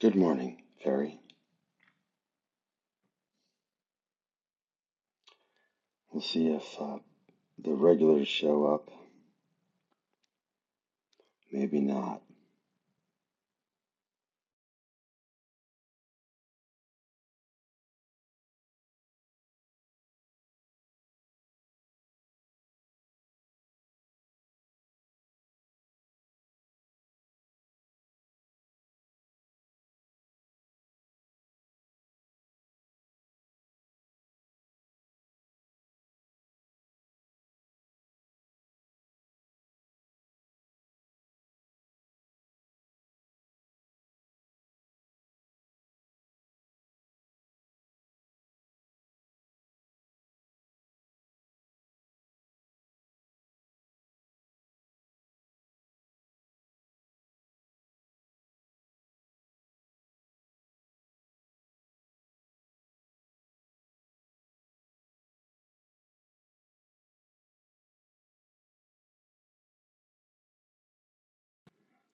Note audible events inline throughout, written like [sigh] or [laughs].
Good morning, Ferry. We'll see if uh, the regulars show up. Maybe not.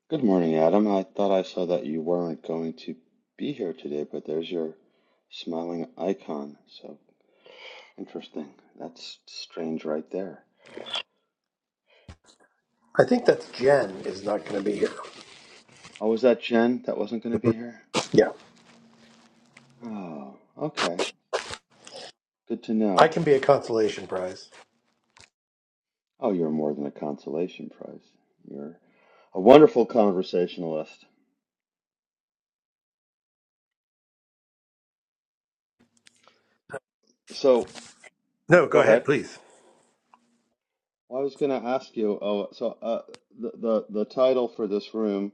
Good morning, Adam. I thought I saw that you weren't going to be here today, but there's your smiling icon. So interesting. That's strange right there. I think that's Jen is not going to be here. Oh, was that Jen that wasn't going to be here? Yeah, Oh, okay. Good to I know. can be a consolation prize. Oh, you're more than a consolation prize. You're a wonderful conversationalist. So No, go go ahead. ahead, please. Well, I was going to ask you, oh, so uh, the, the the title for this room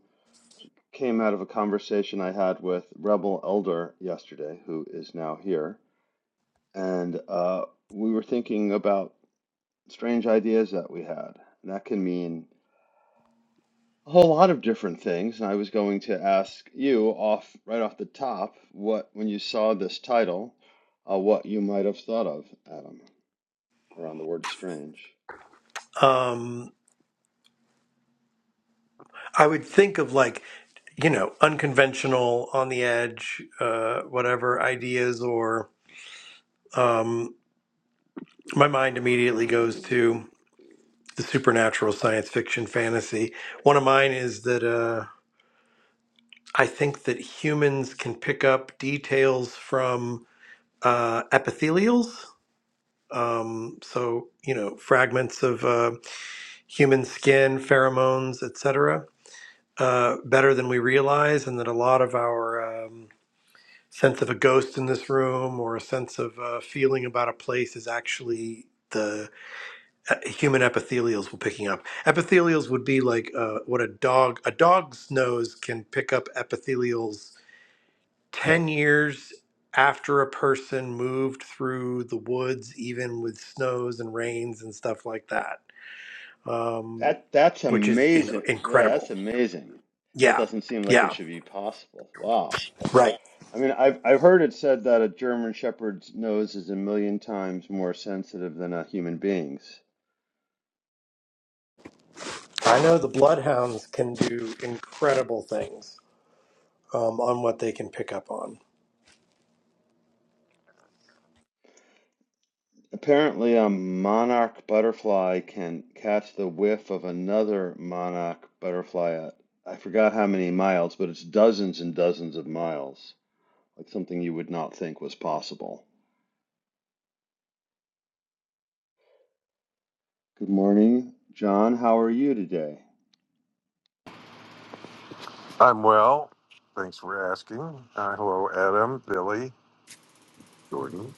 came out of a conversation I had with Rebel Elder yesterday, who is now here, and uh, we were thinking about strange ideas that we had. And that can mean a whole lot of different things. And I was going to ask you off right off the top what, when you saw this title, uh, what you might have thought of, Adam, around the word strange. Um, I would think of like, you know, unconventional, on the edge, uh, whatever ideas, or um, my mind immediately goes to the supernatural, science fiction, fantasy. One of mine is that uh, I think that humans can pick up details from uh, epithelials. Um, so, you know, fragments of. Uh, human skin, pheromones, etc., uh, better than we realize, and that a lot of our um, sense of a ghost in this room or a sense of uh, feeling about a place is actually the uh, human epithelials we're picking up. Epithelials would be like uh, what a dog a dog's nose can pick up epithelials ten years after a person moved through the woods, even with snows and rains and stuff like that. Um, That that's which is you know amazing. Yeah, that's incredible amazing. That Yeah. doesn't seem like it Yeah. should be possible. Wow. Right. I mean, I've I've heard it said that a German shepherd's nose is a million times more sensitive than a human being's. I know the bloodhounds can do incredible things um, on what they can pick up on. Apparently, a monarch butterfly can catch the whiff of another monarch butterfly at I forgot how many miles, but it's dozens and dozens of miles. Like something you would not think was possible. Good morning, John. How are you today? I'm well. Thanks for asking. Uh, hello, Adam, Billy, Jordan.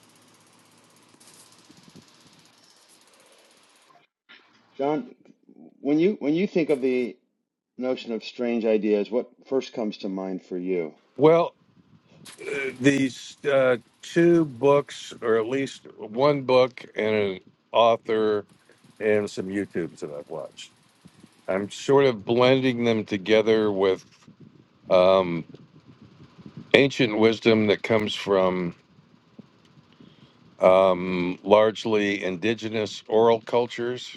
John, when you when you think of the notion of strange ideas, what first comes to mind for you? Well, uh, these uh, two books, or at least one book and an author, and some YouTubes that I've watched, I'm sort of blending them together with um, ancient wisdom that comes from um, largely indigenous oral cultures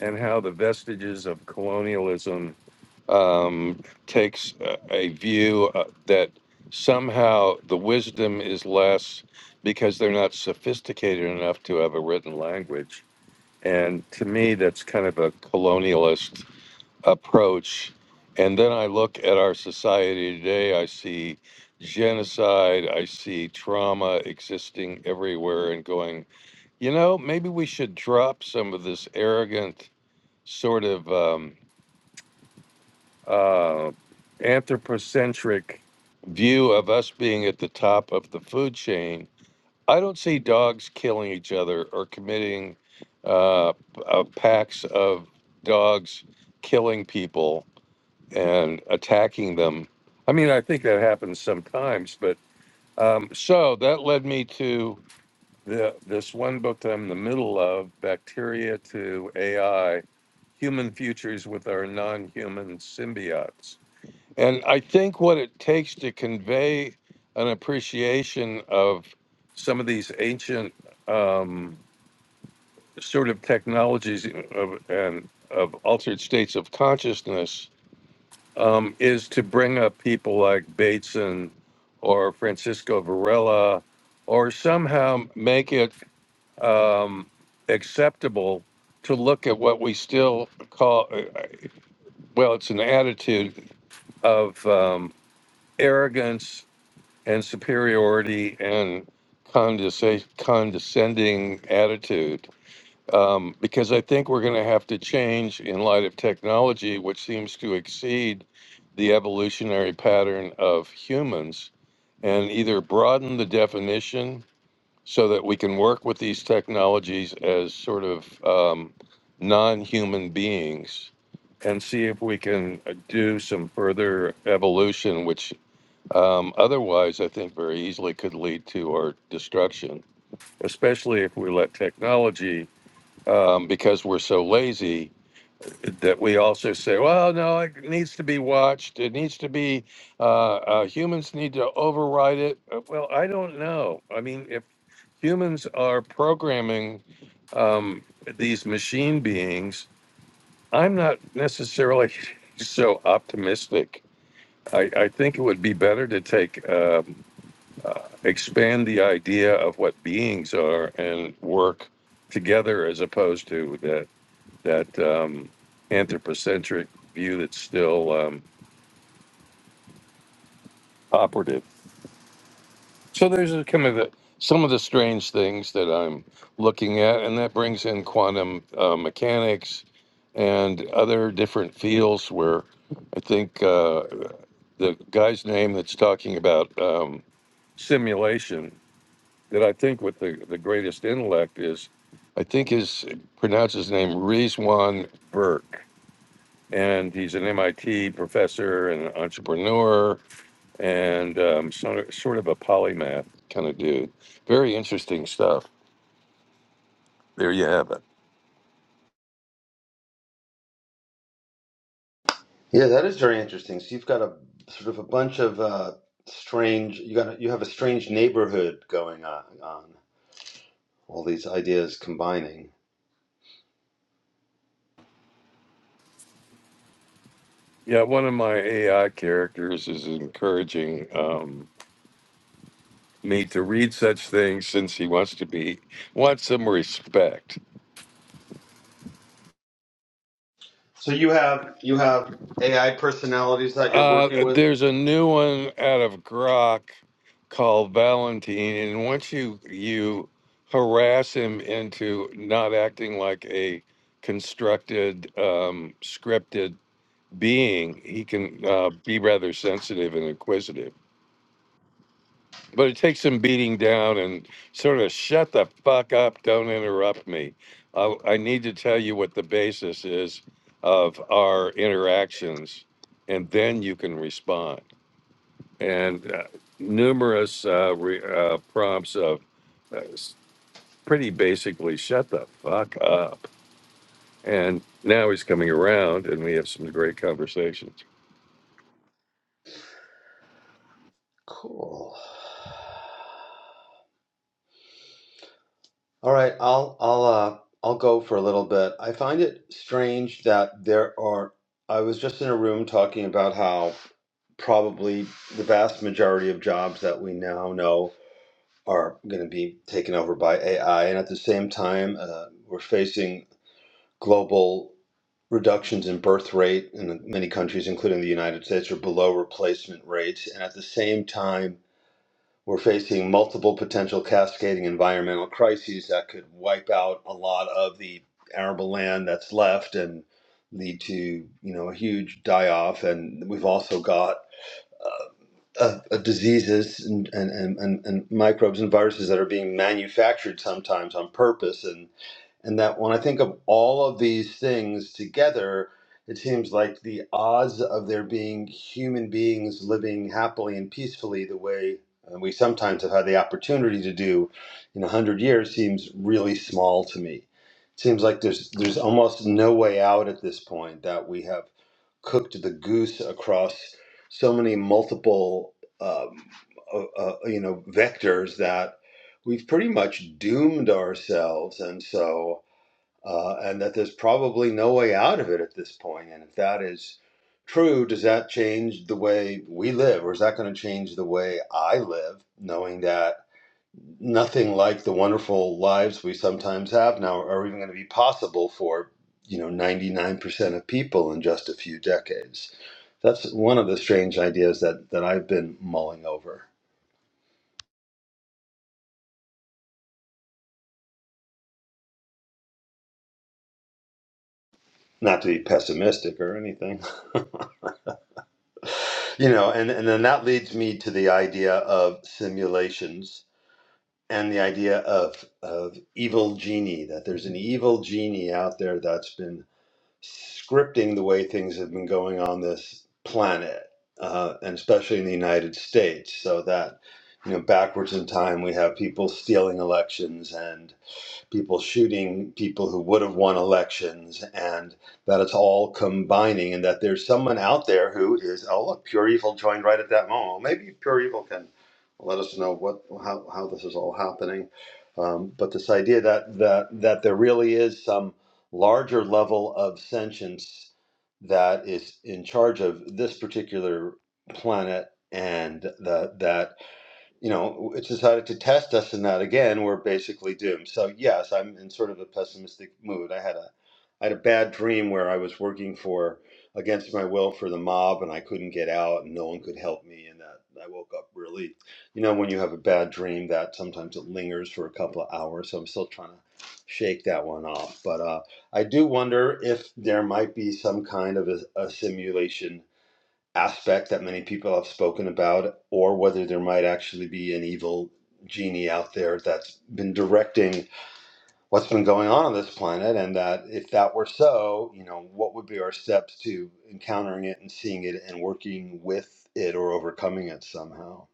and how the vestiges of colonialism um, takes a, a view uh, that somehow the wisdom is less because they're not sophisticated enough to have a written language. And to me, that's kind of a colonialist approach. And then I look at our society today, I see genocide, I see trauma existing everywhere, and going, you know, maybe we should drop some of this arrogant sort of um, uh, anthropocentric view of us being at the top of the food chain, I don't see dogs killing each other or committing uh, uh, packs of dogs killing people and attacking them. I mean, I think that happens sometimes, but um, so that led me to the, this one book that I'm in the middle of, Bacteria to AI, human futures with our non-human symbiotes. And I think what it takes to convey an appreciation of some of these ancient um, sort of technologies uh, of, and of altered states of consciousness um, is to bring up people like Bateson or Francisco Varela, or somehow make it um, acceptable to look at what we still call. uh, well, it's an attitude of um, arrogance and superiority and condesa- condescending attitude. Um, because I think we're going to have to change in light of technology, which seems to exceed the evolutionary pattern of humans, and either broaden the definition so that we can work with these technologies as sort of um, non-human beings and see if we can uh, do some further evolution which um, otherwise i think very easily could lead to our destruction especially if we let technology um, because we're so lazy that we also say, well, no, it needs to be watched. It needs to be uh, uh, humans need to override it. Uh, Well, I don't know. I mean, if humans are programming um, these machine beings, I'm not necessarily [laughs] so optimistic. I, I think it would be better to take um, uh, expand the idea of what beings are and work together as opposed to that that um, anthropocentric view that's still um, operative. So there's a, kind of the, some of the strange things that I'm looking at, and that brings in quantum uh, mechanics and other different fields where I think uh, the guy's name that's talking about um, simulation that I think with the, the greatest intellect is, I think his pronounce his name Rizwan Burke and he's an MIT professor and an entrepreneur and um, sort, sort of a polymath kind of dude. Very interesting stuff. There you have it. Yeah, that is very interesting. So you've got a sort of a bunch of uh, strange. You got a, you have a strange neighborhood going on, on all these ideas combining. Yeah, one of my AI characters is encouraging um, me to read such things since he wants to be wants some respect. So you have you have AI personalities that you're Uh, working with. there's a new one out of Grok called Valentine, and once you you harass him into not acting like a constructed, um, scripted being, he can uh, be rather sensitive and inquisitive. But it takes some beating down and sort of shut the fuck up, don't interrupt me. I, I need to tell you what the basis is of our interactions, and then you can respond and uh, numerous uh, re, uh, prompts of uh, s- pretty basically shut the fuck up. And now he's coming around, and we have some great conversations. Cool. All right, I'll I'll uh I'll go for a little bit. I find it strange that there are I was just in a room talking about how probably the vast majority of jobs that we now know are going to be taken over by AI and at the same time uh, we're facing global reductions in birth rate in many countries including the United States are below replacement rates and at the same time we're facing multiple potential cascading environmental crises that could wipe out a lot of the arable land that's left and lead to, you know, a huge die off. And we've also got uh, of, of diseases and, and, and, and and microbes and viruses that are being manufactured sometimes on purpose. And, and that when I think of all of these things together, it seems like the odds of there being human beings living happily and peacefully the way uh, we sometimes have had the opportunity to do in 100 years seems really small to me. It seems like there's, there's almost no way out at this point that we have cooked the goose across so many multiple um, uh, uh, you know vectors that we've pretty much doomed ourselves and so uh, and that there's probably no way out of it at this point point. and if that is true does that change the way we live or is that going to change the way i live knowing that nothing like the wonderful lives we sometimes have now are even going to be possible for you know 99% of people in just a few decades that's one of the strange ideas that that I've been mulling over. Not to be pessimistic or anything, [laughs] you know. And and then that leads me to the idea of simulations and the idea of of evil genie. That there's an evil genie out there that's been scripting the way things have been going on this planet, uh, and especially in the United States, so that. You know, backwards in time, we have people stealing elections and people shooting people who would have won elections, and that it's all combining, and that there's someone out there who is, oh, look, pure evil joined right at that moment. Well, Maybe pure evil can let us know what how, how this is all happening. Um, but this idea that, that that there really is some larger level of sentience that is in charge of this particular planet, and that that you know, it's decided to test us in that again, we're basically doomed. So yes, I'm in sort of a pessimistic mood. I had a I had a bad dream where I was working for against my will for the mob and I couldn't get out and no one could help me and that I woke up really you know when you have a bad dream that sometimes it lingers for a couple of hours so I'm still trying to shake that one off but uh, I do wonder if there might be some kind of a, a simulation aspect that many people have spoken about, or whether there might actually be an evil genie out there that's been directing what's been going on on this planet, and that if that were so, you know, what would be our steps to encountering it and seeing it and working with it or overcoming it somehow?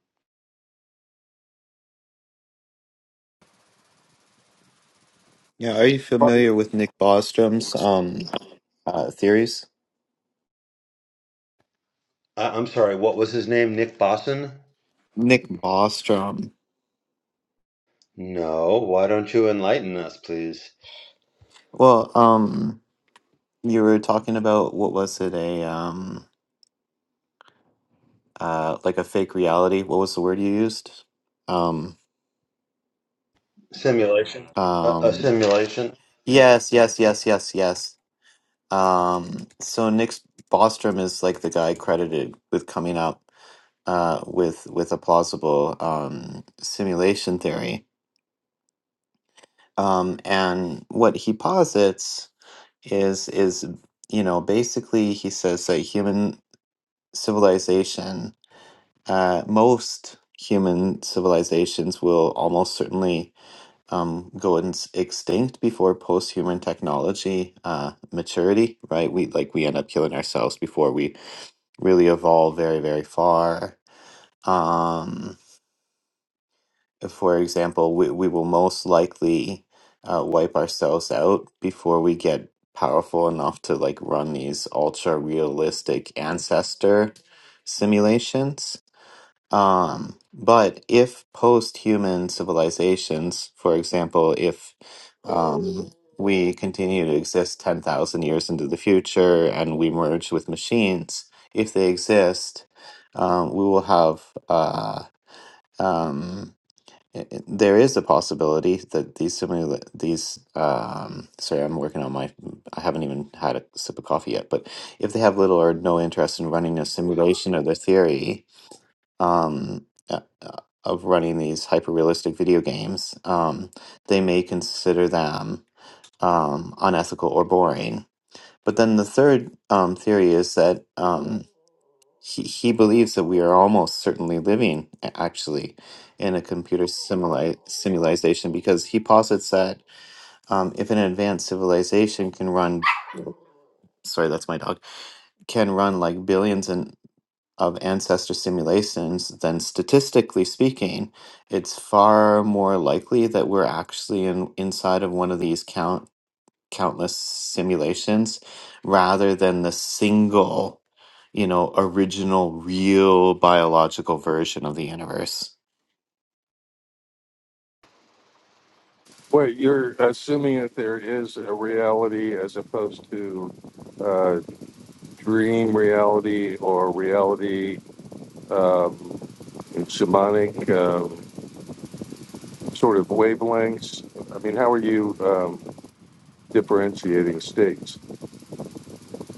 Yeah, are you But familiar with Nick Bostrom's um uh, theories? I- I'm sorry, what was his name? Nick Bosson? Nick Bostrom. No, why don't you enlighten us, please? Well, um, you were talking about what was it a um uh like a fake reality? What was the word you used? Um, Simulation. A, a um, simulation. yes, yes, yes, yes, yes. Um, so Nick Bostrom is like the guy credited with coming up uh with with a plausible um simulation theory. Um, and what he posits is is you know basically he says that human civilization uh, most human civilizations will almost certainly um, go ins- extinct before post-human technology uh, maturity right we like we end up killing ourselves before we really evolve very very far um for example, we, we will most likely uh, wipe ourselves out before we get powerful enough to like run these ultra realistic ancestor simulations. Um, but if post human civilizations, for example, if um, we continue to exist 10,000 years into the future and we merge with machines, if they exist, um, we will have. Uh, um, it- it- there is a possibility that these similar these um sorry i'm working on my i haven't even had a sip of coffee yet but if they have little or no interest in running a simulation of their theory um uh, uh, of running these hyper realistic video games um they may consider them um unethical or boring but then the third um theory is that um he, he believes that we are almost certainly living, a- actually, in a computer simuli- simulation because he posits that um, if an advanced civilization can run, sorry, that's my dog, can run like billions and of ancestor simulations, then statistically speaking, it's far more likely that we're actually in, inside of one of these countless simulations rather than the single, you know, original, real biological version of the universe. wait, you're assuming that there is a reality as opposed to uh, dream reality or reality um, in shamanic um, sort of wavelengths. I mean, how are you um, differentiating states?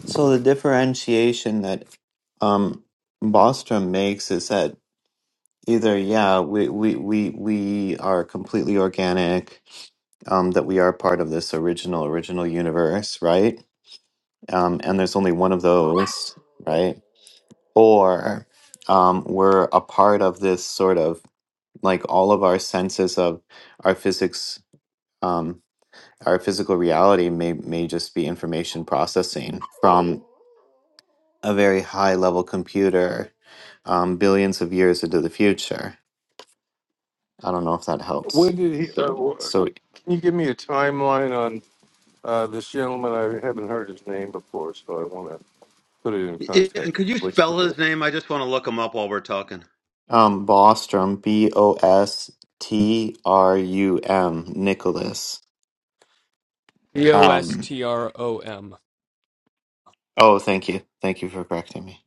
So the differentiation that um, Bostrom makes is that either, yeah, we, we, we, we are completely organic, um, that we are part of this original, original universe, right? Um, and there's only one of those, right? Or um, we're a part of this sort of like all of our senses of our physics um, our physical reality may may just be information processing from a very high level computer um, billions of years into the future i don't know if that helps When did he? Uh, so Can you give me a timeline on uh, this gentleman? I haven't heard his name before, so I want to put it in Yeah, and context, could you at least for spell me. his name? I just want to look him up while we're talking. um bostrom b o s t r u m nicholas E O S um T R O M. oh thank you thank you for correcting me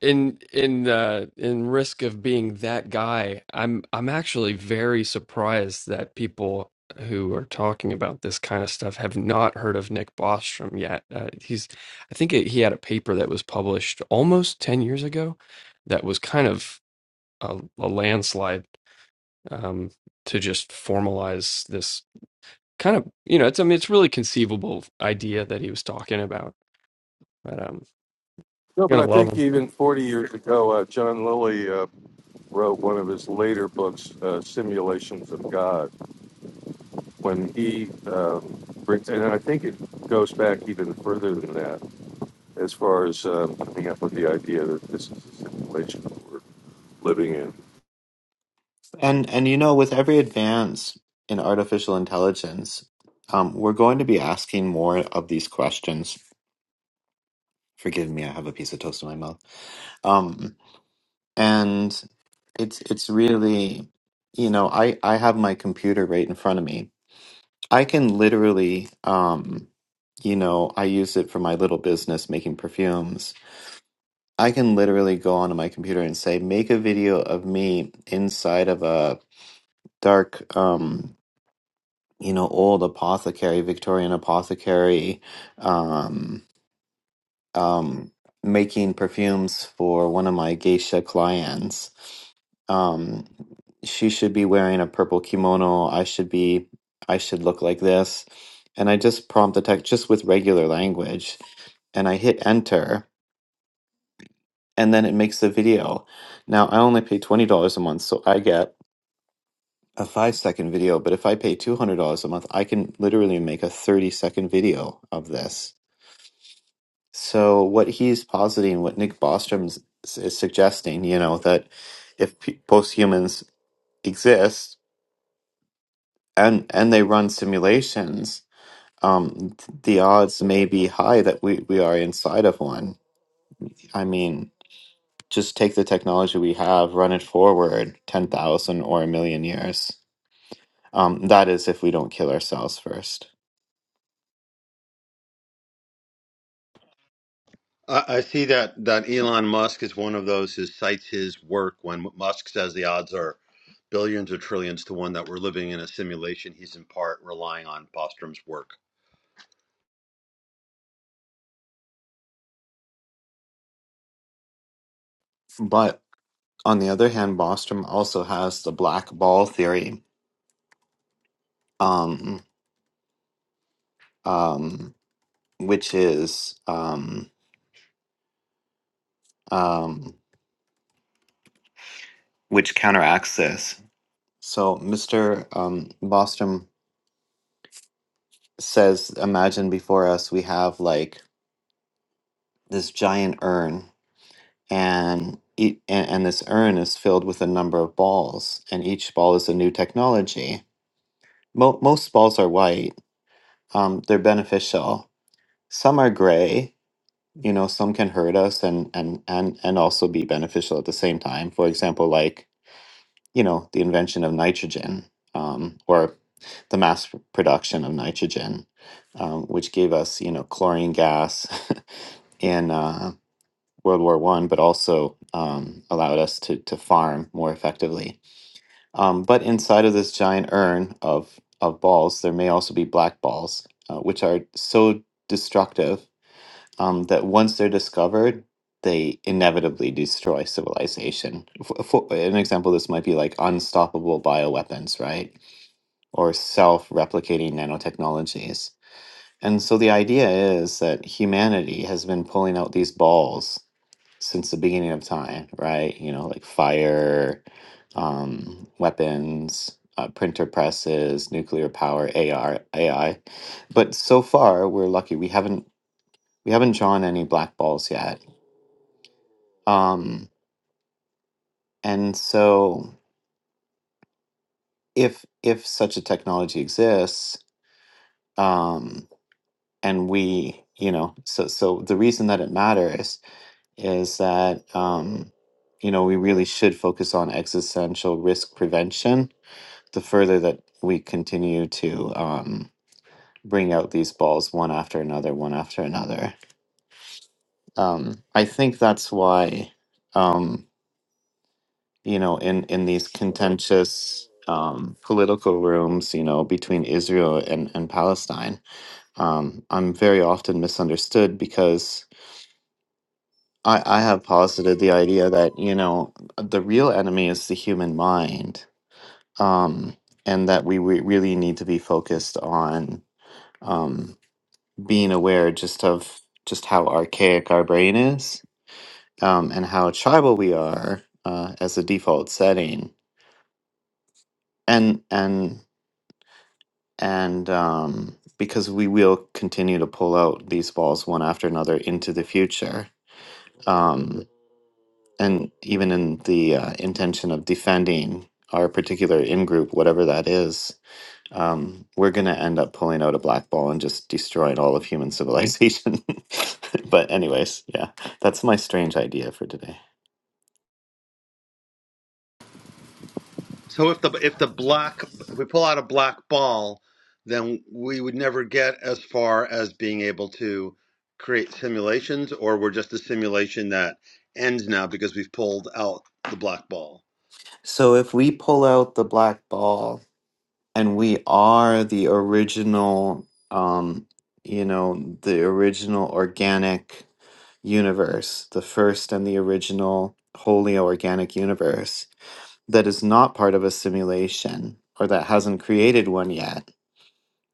In in uh in risk of being that guy, I'm I'm actually very surprised that people who are talking about this kind of stuff have not heard of Nick Bostrom yet. Uh, he's I think it, he had a paper that was published almost 10 years ago that was kind of a, a landslide um to just formalize this kind of, you know, it's I mean it's really conceivable idea that he was talking about. But um No, but you're I gonna love think him. even 40 years ago, uh, John Lilly uh, wrote one of his later books, uh, Simulations of God, when he um, brings, and I think it goes back even further than that, as far as um, coming up with the idea that this is a simulation that we're living in. And and you know, with every advance in artificial intelligence, um, we're going to be asking more of these questions. Forgive me, I have a piece of toast in my mouth. Um, and it's it's really, you know, I I have my computer right in front of me. I can literally, um, you know, I use it for my little business making perfumes. I can literally go onto my computer and say, make a video of me inside of a dark um you know, old apothecary, Victorian apothecary, um, um, making perfumes for one of my geisha clients. Um, she should be wearing a purple kimono. I should be, I should look like this. And I just prompt the text just with regular language and I hit enter and then it makes the video. Now I only pay $20 a month, so I get a five second video, but if I pay two hundred dollars a month, I can literally make a thirty second video of this. So what he's positing, what Nick Bostrom is is suggesting, you know, that if p- posthumans exist and and they run simulations, um, the odds may be high that we we are inside of one. I mean, just take the technology we have, run it forward ten thousand or a million years. Um, that is, if we don't kill ourselves first. I I see that that Elon Musk is one of those who cites his work when Musk says the odds are billions or trillions to one that we're living in a simulation. He's in part relying on Bostrom's work. But On the other hand, Bostrom also has the black ball theory, um, um, which is um, um, which counteracts this. So Mr. Um, Bostrom says, "Imagine before us we have like this giant urn, and, e- and and this urn is filled with a number of balls, and each ball is a new technology. Mo- most balls are white. Um, they're beneficial. Some are gray." you know some can hurt us and and and and also be beneficial at the same time for example like you know the invention of nitrogen um, or the mass p- production of nitrogen um, which gave us you know chlorine gas [laughs] in uh, world war one but also um, allowed us to to farm more effectively um, but inside of this giant urn of of balls there may also be black balls uh, which are so destructive um, that once they're discovered, they inevitably destroy civilization. For, for an example, this might be like unstoppable bioweapons, right? Or self replicating nanotechnologies. And so the idea is that humanity has been pulling out these balls since the beginning of time, right? You know, like fire, um, weapons, uh, printer presses, nuclear power, AR, AI. But so far, we're lucky. We haven't we haven't drawn any black balls yet um, and so if if such a technology exists, um, and we, you know, so so the reason that it matters is that um, you know, we really should focus on existential risk prevention the further that we continue to um bring out these balls one after another, one after another. Um, I think that's why. Um, you know, in in these contentious um, political rooms, you know, between Israel and and Palestine. Um, I'm very often misunderstood because I, I have posited the idea that you know the real enemy is the human mind, um, and that we re- really need to be focused on um, being aware just of just how archaic our brain is um, and how tribal we are uh, as a default setting, and and and um, because we will continue to pull out these balls one after another into the future, um, and even in the uh, intention of defending our particular in group, whatever that is, um, we're going to end up pulling out a black ball and just destroying all of human civilization. [laughs] but, anyways, yeah, that's my strange idea for today. So if the if the black if we pull out a black ball, then we would never get as far as being able to create simulations, or we're just a simulation that ends now because we've pulled out the black ball. So, if we pull out the black ball, and we are the original um you know the original organic universe the first and the original wholly organic universe that is not part of a simulation or that hasn't created one yet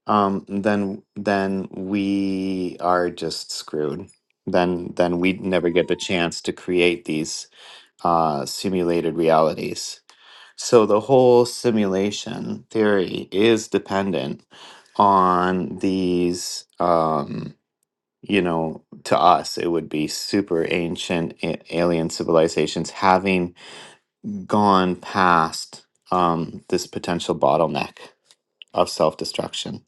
um then then we are just screwed then then we never get the chance to create these uh simulated realities so the whole simulation theory is dependent on these, um, you know, to us, it would be super ancient a- alien civilizations having gone past um, this potential bottleneck of self destruction.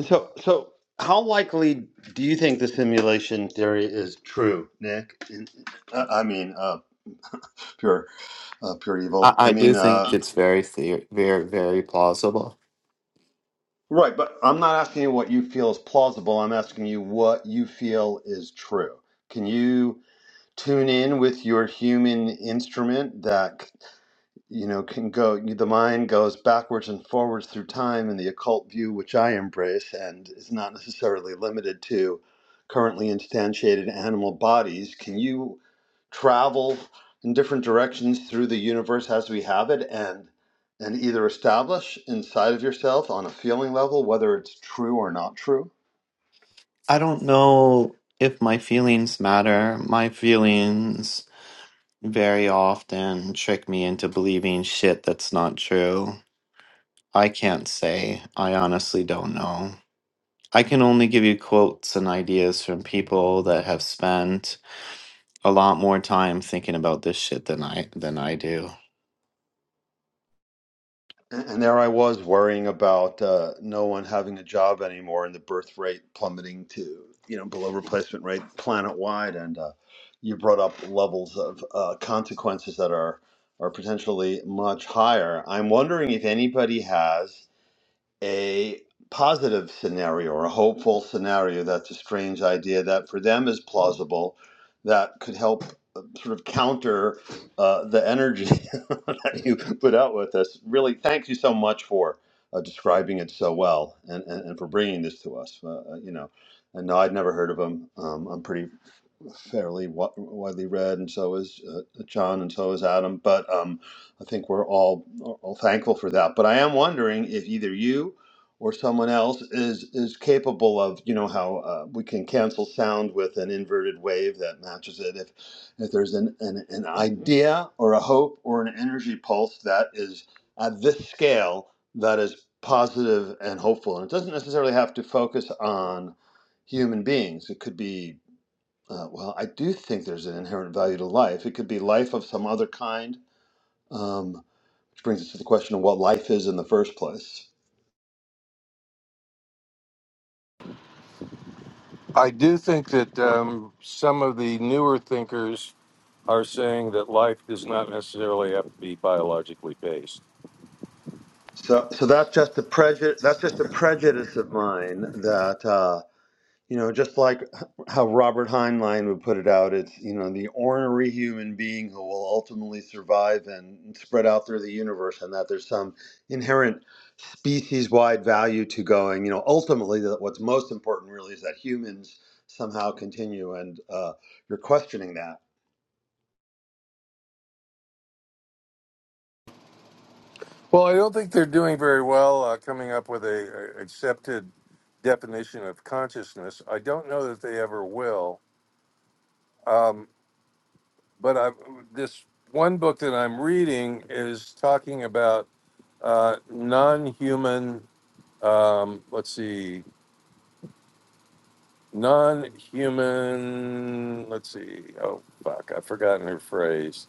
So, so how likely do you think the simulation theory is true, Nick? In- I I mean, uh, pure, uh, pure I, evil. I I mean, do think uh, it's very, the- very, very plausible. right. But I'm not asking you what you feel is plausible. I'm asking you what you feel is true. Can you tune in with your human instrument that? you know, can go, the mind goes backwards and forwards through time in the occult view, which I embrace, and is not necessarily limited to currently instantiated animal bodies. Can you travel in different directions through the universe as we have it and and either establish inside of yourself on a feeling level whether it's true or not true? I don't know if my feelings matter. My feelings very often trick me into believing shit that's not true. I can't say. I honestly don't know. I can only give you quotes and ideas from people that have spent a lot more time thinking about this shit than I than I do. And and there I was worrying about uh, no one having a job anymore and the birth rate plummeting to, you know, below replacement rate planet wide. And uh, you brought up levels of uh, consequences that are, are potentially much higher. I'm wondering if anybody has a positive scenario or a hopeful scenario that's a strange idea that for them is plausible that could help uh, sort of counter uh, the energy [laughs] that you put out with us. Really, thank you so much for uh, describing it so well and, and, and for bringing this to us. Uh, uh, you know, and no, I'd never heard of them. Um, I'm pretty fairly wi- widely read, and so is uh, John, and so is Adam. But um, I think we're all, all thankful for that. But I am wondering if either you or someone else is is capable of, you know, how uh, we can cancel sound with an inverted wave that matches it. If if there's an, an an idea or a hope or an energy pulse that is at this scale that is positive and hopeful, and it doesn't necessarily have to focus on human beings. It could be uh, well, I do think there's an inherent value to life. It could be life of some other kind, um, which brings us to the question of what life is in the first place. I do think that um, some of the newer thinkers are saying that life does not necessarily have to be biologically based. So, so that's just a prejudice. That's just a prejudice of mine that. You know, just like how Robert Heinlein would put it out, it's, you know, the ornery human being who will ultimately survive and spread out through the universe, and that there's some inherent species wide value to going, you know, ultimately, that what's most important really is that humans somehow continue, and uh, you're questioning that. Well, I don't think they're doing very well uh, coming up with a, a accepted definition of consciousness. I don't know that they ever will. Um, but I've, this one book that I'm reading is talking about uh, non-human. Um, let's see. non-human let's see oh fuck i've forgotten her phrase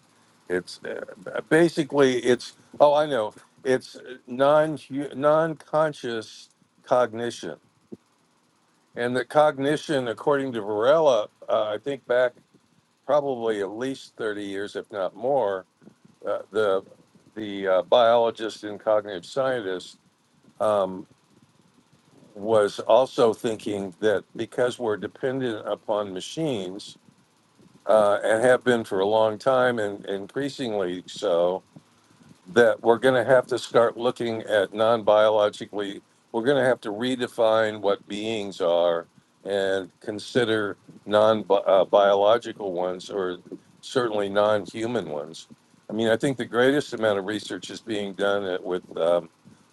it's uh, basically it's oh i know it's non non-conscious cognition and the cognition according to varela uh, i think back probably at least 30 years if not more uh, the the uh, biologist and cognitive scientist um, was also thinking that because we're dependent upon machines uh, and have been for a long time and increasingly so, that we're going to have to start looking at non biologically, we're going to have to redefine what beings are and consider non uh, biological ones or certainly non human ones. I mean, I think the greatest amount of research is being done at, with um,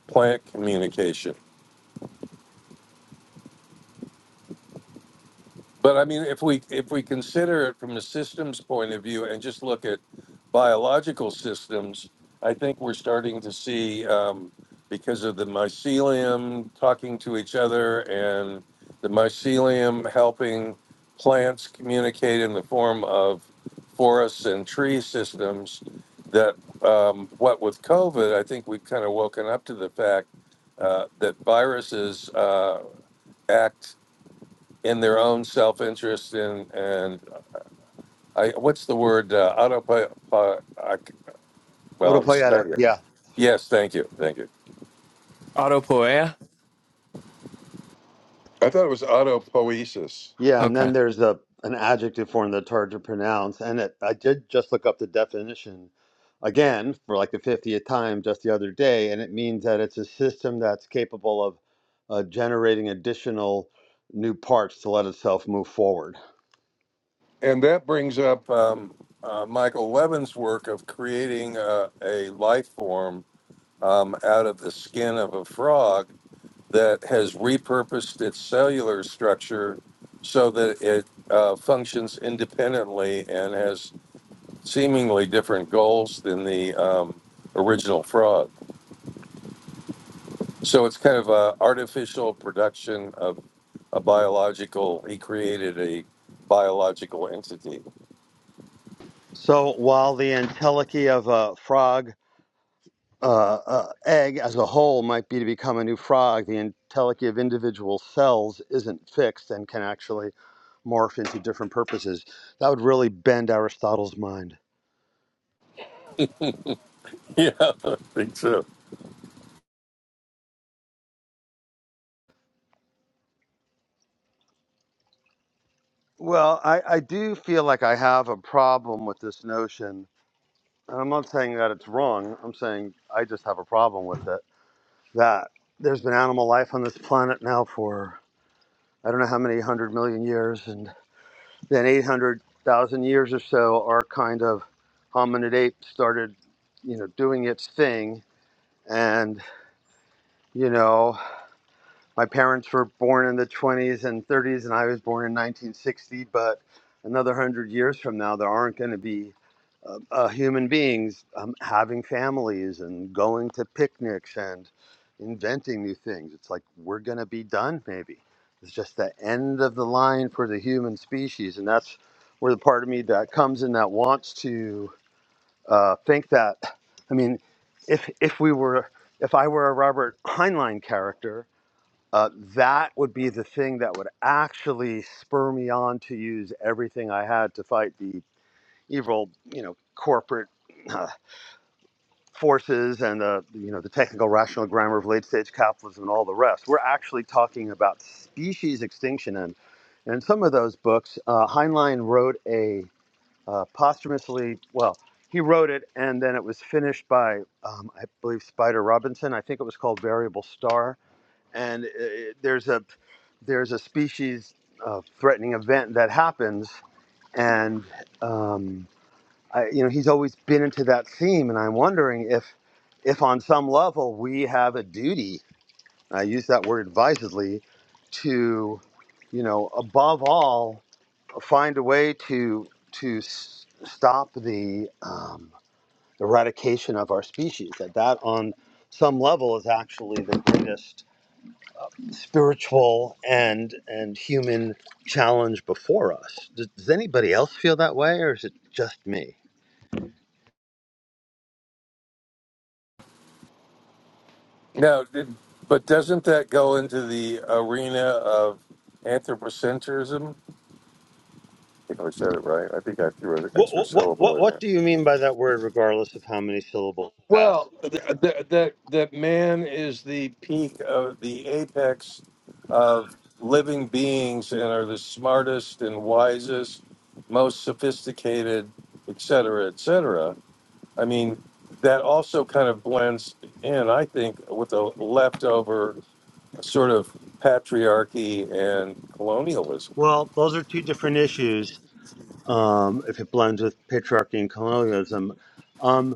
plant communication But I mean, if we if we consider it from the systems point of view and just look at biological systems, I think we're starting to see um, because of the mycelium talking to each other and the mycelium helping plants communicate in the form of forests and tree systems. That um, what with COVID, I think we've kind of woken up to the fact uh, that viruses uh, act in their own self-interest and and I, what's the word uh, auto well I'm Autopoietic, stuttering. yeah. Yes, thank you, thank you. Autopoeia? I thought it was autopoiesis, Yeah, and Okay. then there's a an adjective form that's hard to pronounce, and it, I did just look up the definition again for like the 50th time just the other day, and it means that it's a system that's capable of uh, generating additional new parts to let itself move forward. and that brings up um, uh, Michael Levin's work of creating uh, a life form um, out of the skin of a frog that has repurposed its cellular structure so that it uh, functions independently and has seemingly different goals than the um, original frog. So it's kind of a artificial production of a biological. He created a biological entity. [laughs] So while the entelechy of a frog uh, uh, egg as a whole might be to become a new frog, the entelechy of individual cells isn't fixed and can actually morph into different purposes. That would really bend Aristotle's mind. Yeah, I think so. Well, I, I do feel like I have a problem with this notion. And I'm not saying that it's wrong, I'm saying I just have a problem with it. That there's been animal life on this planet now for I don't know how many hundred million years, and Then 800,000 years or so, our kind of hominid ape started, you know, doing its thing. And, you know, my parents were born in the 20s and 30s, and I was born in 1960. But another 100 years from now, there aren't going to be uh, uh, human beings um, having families and going to picnics and inventing new things. It's like we're going to be done, maybe. It's just the end of the line for the human species. And that's where the part of me that comes in that wants to uh, think that. I mean, if, if we were, if I were a Robert Heinlein character, uh, that would be the thing that would actually spur me on to use everything I had to fight the evil, you know, corporate uh, forces and the, you know, the technical rational grammar of late stage capitalism and all the rest. We're actually talking about species extinction. And in some of those books, uh, Heinlein wrote a uh, posthumously, well, he wrote it and then it was finished by, um, I believe, Spider Robinson. I think it was called Variable Star and uh, there's a there's a species uh, threatening event that happens, and um, I, you know he's always been into that theme, and I'm wondering if if on some level we have a duty. I use that word advisedly to you know above all find a way to to s- stop the um, eradication of our species. That that on some level is actually the greatest spiritual and and human challenge before us. Does, does anybody else feel that way, or is it just me? Now, did, but doesn't that go into the arena of anthropocentrism? I think I said it right. I think I threw an What extra what what syllable what in do you mean by that word, regardless of how many syllables it has? Well, the, the, the, the man is the peak of the apex of living beings and are the smartest and wisest, most sophisticated, et cetera, et cetera. I mean, that also kind of blends in, I think, with the leftover sort of patriarchy and colonialism. Well, those are two different issues. Um, if it blends with patriarchy and colonialism, Um,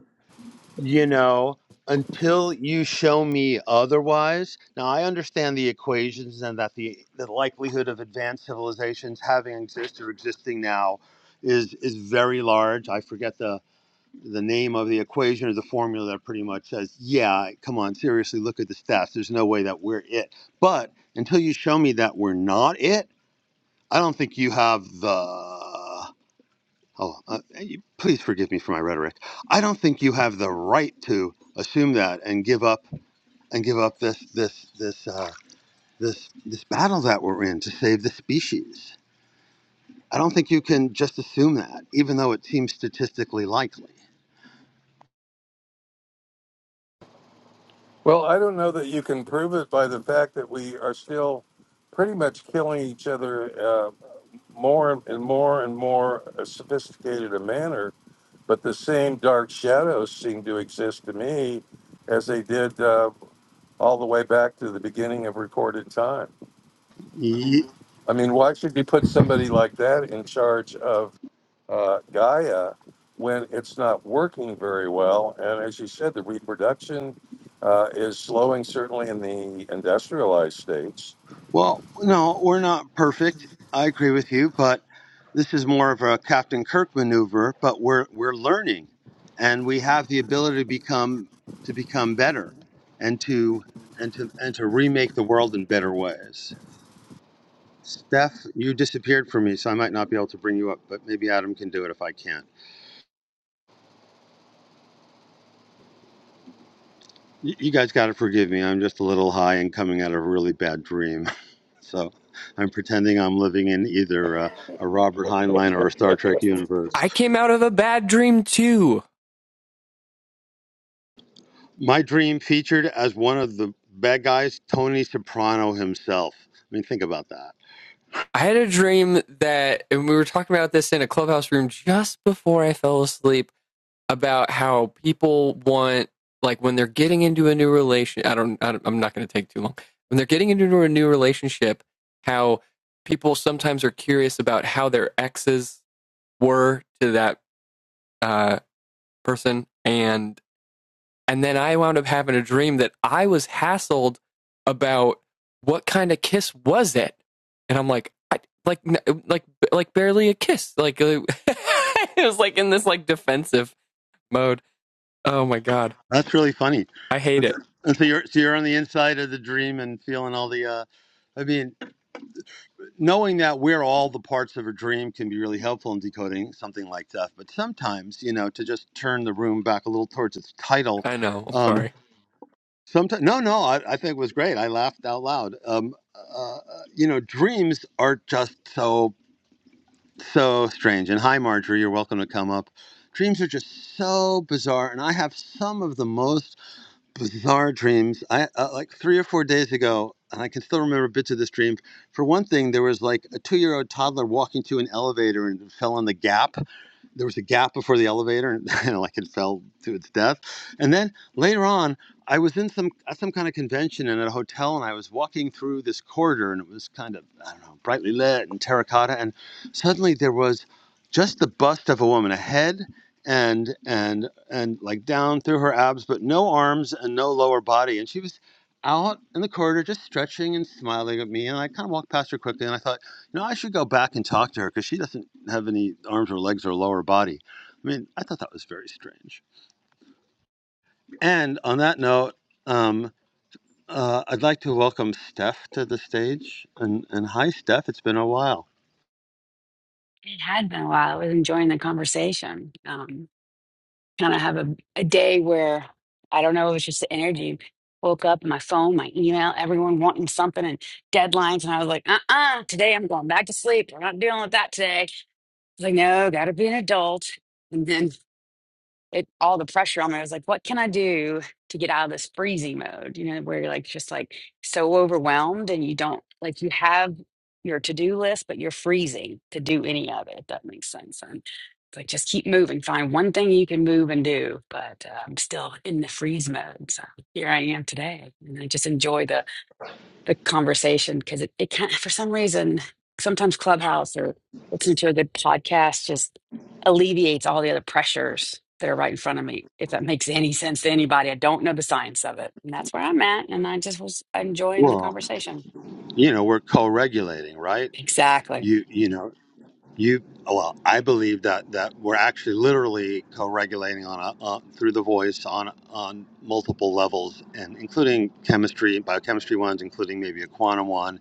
You know, until you show me otherwise. Now, I understand the equations and that the, the likelihood of advanced civilizations having existed or existing now is is very large. I forget the the name of the equation or the formula that pretty much says, yeah, come on, seriously, look at the stats. There's no way that we're it. But until you show me that we're not it, I don't think you have the Oh, uh, you- please forgive me for my rhetoric. I don't think you have the right to assume that and give up and give up this this this uh, this this battle that we're in to save the species. I don't think you can just assume that, even though it seems statistically likely. Well, I don't know that you can prove it by the fact that we are still pretty much killing each other more and more and more sophisticated a manner, but the same dark shadows seem to exist to me as they did uh, all the way back to the beginning of recorded time. I mean, why should you put somebody like that in charge of uh, Gaia when it's not working very well? And as you said, the reproduction uh, is slowing, certainly in the industrialized states Well, no, we're not perfect. I agree with you, but this is more of a Captain Kirk maneuver. But we're we're learning, and we have the ability to become to become better, and to and to and to remake the world in better ways. Steph, you disappeared from me, so I might not be able to bring you up, but maybe Adam can do it if I can't. You, you guys got to forgive me. I'm just a little high and coming out of a really bad dream, [laughs] so I'm pretending I'm living in either uh, a Robert Heinlein or a Star Trek universe. I came out of a bad dream too. My Dream featured as one of the bad guys, Tony Soprano himself. I mean, think about that. I had a dream that, and we were talking about this in a clubhouse room just before I fell asleep about how people want, like, when they're getting into a new relation. I don't, I don't I'm not going to take too long. When they're getting into a new relationship, how people sometimes are curious about how their exes were to that uh, person and And then I wound up having a dream that I was hassled about what kind of kiss was it? And I'm like, I, like, like, like barely a kiss. Like, [laughs] it was like in this like defensive mode. Oh my God. That's really funny. I hate it. And so you're so you're on the inside of the dream and feeling all the. Uh, I mean, knowing that we're all the parts of a dream can be really helpful in decoding something like death. But sometimes, you know, to just turn the room back a little towards its title. I know. I'm Um, sorry. sometimes, no, no, I, I think it was great. I laughed out loud. Um, uh, uh, you know, dreams are just so so strange. And hi, Marjorie, you're welcome to come up. Dreams are just so bizarre, and I have some of the most bizarre dreams. I uh, like three or four days ago, and I can still remember bits of this dream. For one thing, there was like a two-year-old toddler walking to an elevator and fell on the gap, there was a gap before the elevator and, [laughs] and like it fell to its death and then later on i was in some at some kind of convention and at a hotel and i was walking through this corridor and it was kind of i don't know brightly lit and terracotta and suddenly there was just the bust of a woman a head and and and like down through her abs but no arms and no lower body and she was out in the corridor just stretching and smiling at me and i kind of walked past her quickly and i thought no, I should go back and talk to her because she doesn't have any arms or legs or lower body. I mean, I thought that was very strange. And on that note, um, uh, I'd like to welcome Steph to the stage. And, and hi, Steph. It's been a while. It had been a while. I was enjoying the conversation. Um, kind of have a, a day where I don't know, it was just the energy. Woke up, my phone, my email, everyone wanting something and deadlines. And I was like, uh uh today I'm going back to sleep. We're not dealing with that today. I was like, no, got to be an adult. And then it all the pressure on me. I was like, what can I do to get out of this freezing mode? You know, where you're like just like so overwhelmed and you don't like you have your to-do list, but you're freezing to do any of it, if that makes sense. And it's like just keep moving, find one thing you can move and do. But uh, I'm still in the freeze mode. So here I am today. And I just enjoy the the conversation because it, it can't for some reason sometimes clubhouse or listening to a good podcast just alleviates all the other pressures that are right in front of me if that makes any sense to anybody i don't know the science of it and that's where i'm at and i just was enjoying the Well, conversation you know, we're co-regulating, right? exactly You, you know, you. Well, I believe that that we're actually literally co-regulating on a, uh, through the voice on on multiple levels, and including chemistry, biochemistry ones, including maybe a quantum one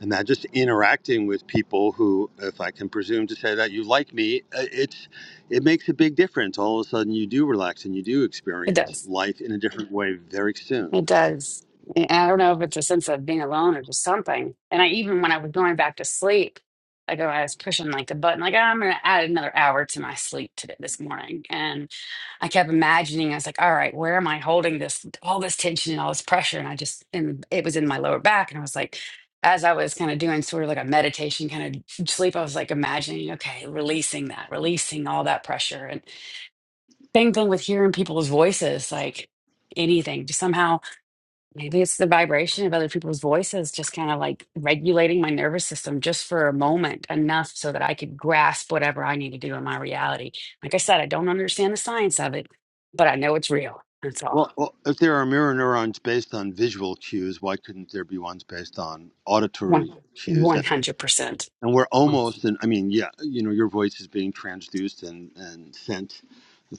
and that just interacting with people who if i can presume to say that you like me uh, it's it makes a big difference all of a sudden you do relax and you do it experience does life in a different way very It soon does. And I don't know if it's a sense of being alone or just something. And I even when I was going back to sleep, like when I was pushing like the button, like "Ah, I'm gonna add another hour to my sleep today this morning. And I kept imagining, I was like, all right, where am I holding this all this tension and all this pressure? And I just and it was in my lower back. And I was like, as I was kind of doing sort of like a meditation kind of sleep, I was like imagining, okay, releasing that, releasing all that pressure. And same thing with hearing people's voices, like anything, just somehow Maybe it's the vibration of other people's voices just kind of like regulating my nervous system just for a moment, enough so that I could grasp whatever I need to do in my reality. Like I said, I don't understand the science of it, but I know it's real. That's all. well, well if there are mirror neurons based on visual cues why couldn't there be ones based on One, auditory cues and? 100%. and we're Mm. almost and i mean yeah you know your voice is being transduced and and sent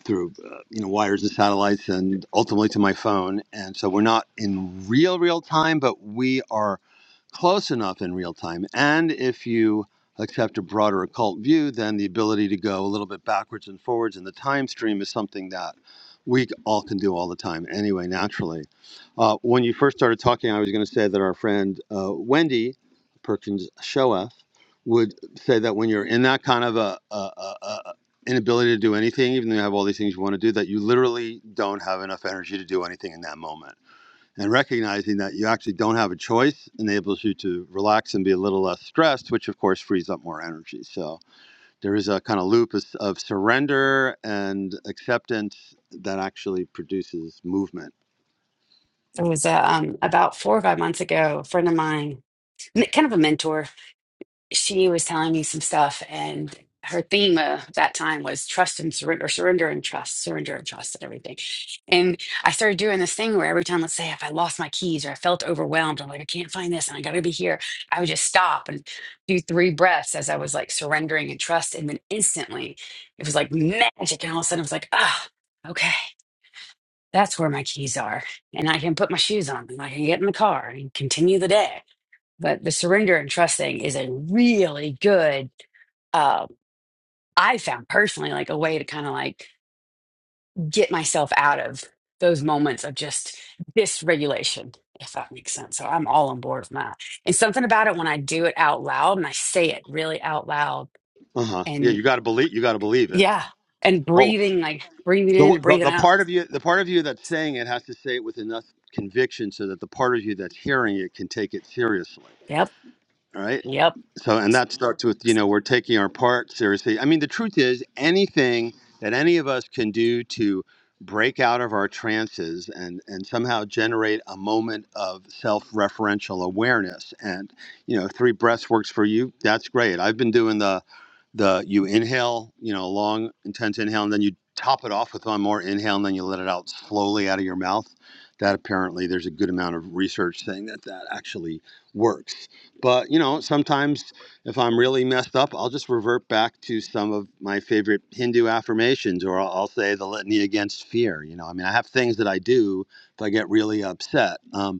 through uh, you know wires and satellites and ultimately to my phone and so we're not in real real time but we are close enough in real time. And if you accept a broader occult view, then the ability to go a little bit backwards and forwards in the time stream is something that we all can do all the time anyway, naturally. Uh, when you first started talking, I was going to say that our friend uh, Wendy Perkins Shoeth would say that when you're in that kind of a, a, a, a inability to do anything, even though you have all these things you want to do, that you literally don't have enough energy to do anything in that moment and recognizing that you actually don't have a choice enables you to relax and be a little less stressed, which of course frees up more energy. So there is a kind of loop of, of surrender and acceptance that actually produces movement. It was uh, um, about four or five months ago, a friend of mine, n- kind of a mentor. she was telling me some stuff, and her theme uh, that time was trust and surrender, surrender and trust, surrender and trust, and everything. And I started doing this thing where every time, let's say, if I lost my keys or I felt overwhelmed, I'm like, I can't find this, and I got to be here. I would just stop and do three breaths as I was like surrendering and trust, and then instantly, it was like magic, and all of a sudden, I was like, ah, okay. That's where my keys are. And I can put my shoes on and I can get in the car and continue the day. But the surrender and trust thing is a really good um, I found personally like a way to kind of like get myself out of those moments of just dysregulation, if that makes sense. So I'm all on board with that. And something about it when I do it out loud and I say it really out loud Uh huh. Yeah, you and got to believe. You got to believe it. yeah, and Well, breathing, like breathing the, in and the breathing the out. part of you, the part of you that's saying it has to say it with enough conviction so that the part of you that's hearing it can take it seriously. Yep. All right. Yep. So, and that starts with, you know, we're taking our part seriously. I mean, the truth is, anything that any of us can do to break out of our trances and, and somehow generate a moment of self referential awareness. And, you know, three breaths works for you. That's great. I've been doing the the you inhale, you know, long intense inhale, and then you top it off with one more inhale, and then you let it out slowly out of your mouth. That apparently there's a good amount of research saying that that actually works. But you know, sometimes if I'm really messed up, I'll just revert back to some of my favorite Hindu affirmations, or I'll, I'll say the litany against fear. You know, I mean, I have things that I do if I get really upset. Um,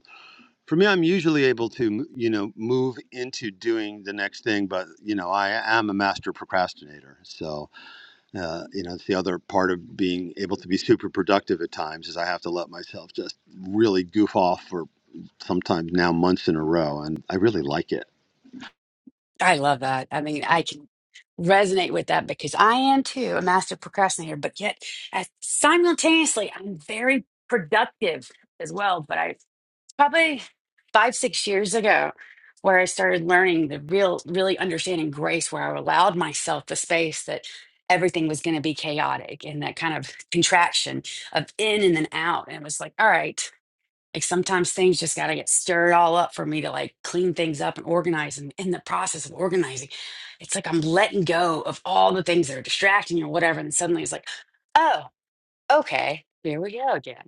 for me, I'm usually able to, you know, move into doing the next thing, but you know, I am a master procrastinator. So, uh, you know, it's the other part of being able to be super productive at times is I have to let myself just really goof off for sometimes now months in a row, and I really like it. I love that. I mean, I can resonate with that because I am too a master procrastinator, but yet uh, simultaneously, I'm very productive as well. But I probably five, six years ago, where I started learning the real, really understanding grace, where I allowed myself the space that everything was going to be chaotic and that kind of contraction of in and then out. And it was like, all right, like sometimes things just got to get stirred all up for me to like clean things up and organize. And in the process of organizing, it's like I'm letting go of all the things that are distracting or whatever. And suddenly it's like, oh, okay, here we go again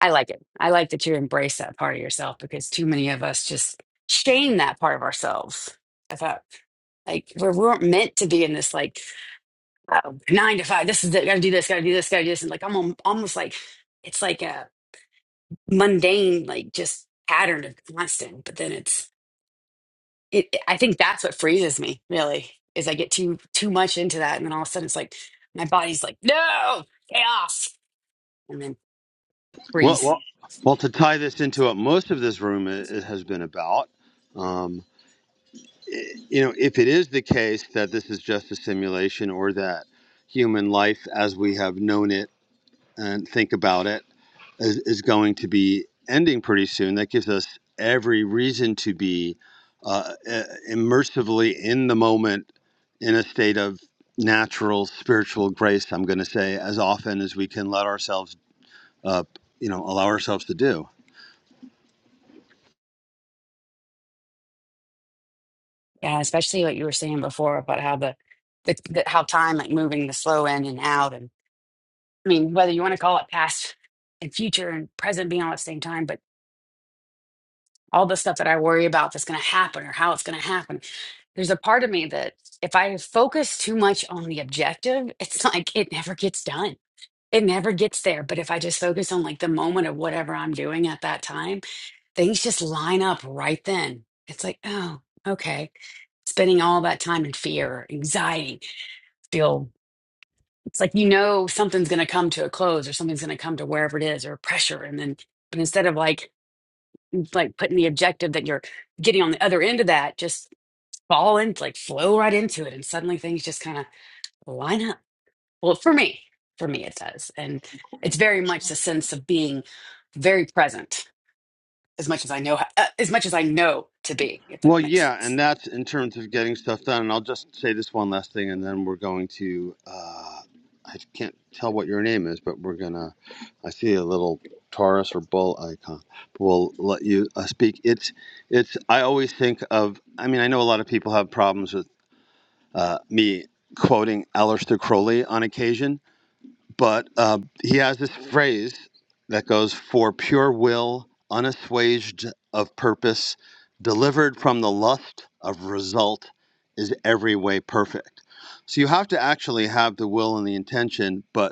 I like it. I like that you embrace that part of yourself because too many of us just shame that part of ourselves. I thought like we're, we weren't meant to be in this like uh, nine to five. This is it. Gotta do this. Gotta do this. Gotta do this. And like I'm al- almost like it's like a mundane like just pattern of constant. But then it's it. I think that's what freezes me really is I get too too much into that, and then all of a sudden it's like my body's like no chaos, and then Well, freeze. well, well to tie this into what most of this room i i- has been about, um, i you know, if it is the case that this is just a simulation or that human life as we have known it and think about it is, is going to be ending pretty soon. That gives us every reason to be uh, e, immersively in the moment in a state of natural spiritual grace, I'm going to say, as often as we can let ourselves, uh, you know, allow ourselves to do. Yeah, especially what you were saying before about how the, the, the how time like moving the slow in and out, and I mean whether you want to call it past and future and present being all at the same time, but all the stuff that I worry about that's going to happen or how it's going to happen. There's a part of me that if I focus too much on the objective, [laughs] it's like it never gets done. It never gets there. But if I just focus on like the moment of whatever I'm doing at that time, things just line up right then. It's like, oh, okay. Spending all that time in fear, or anxiety, feel it's like you know something's going to come to a close or something's going to come to wherever it is or pressure and then but instead of like like putting the objective that you're getting on the other end of that just fall into like flow right into it and suddenly things just kind of line up well for me for me it does and it's very much the sense of being very present as much as i know uh, as much as i know to be if Well, that makes yeah, sense and that's in terms of getting stuff done. And I'll just say this one last thing, and then we're going to. Uh, I can't tell what your name is, but we're gonna. I see a little Taurus or bull icon. We'll let you uh, speak. It's. It's. I always think of. I mean, I know a lot of people have problems with uh, me quoting Aleister Crowley on occasion, but uh, he has this phrase that goes for pure will unassuaged of purpose delivered from the lust of result is every way perfect so you have to actually have the will and the intention but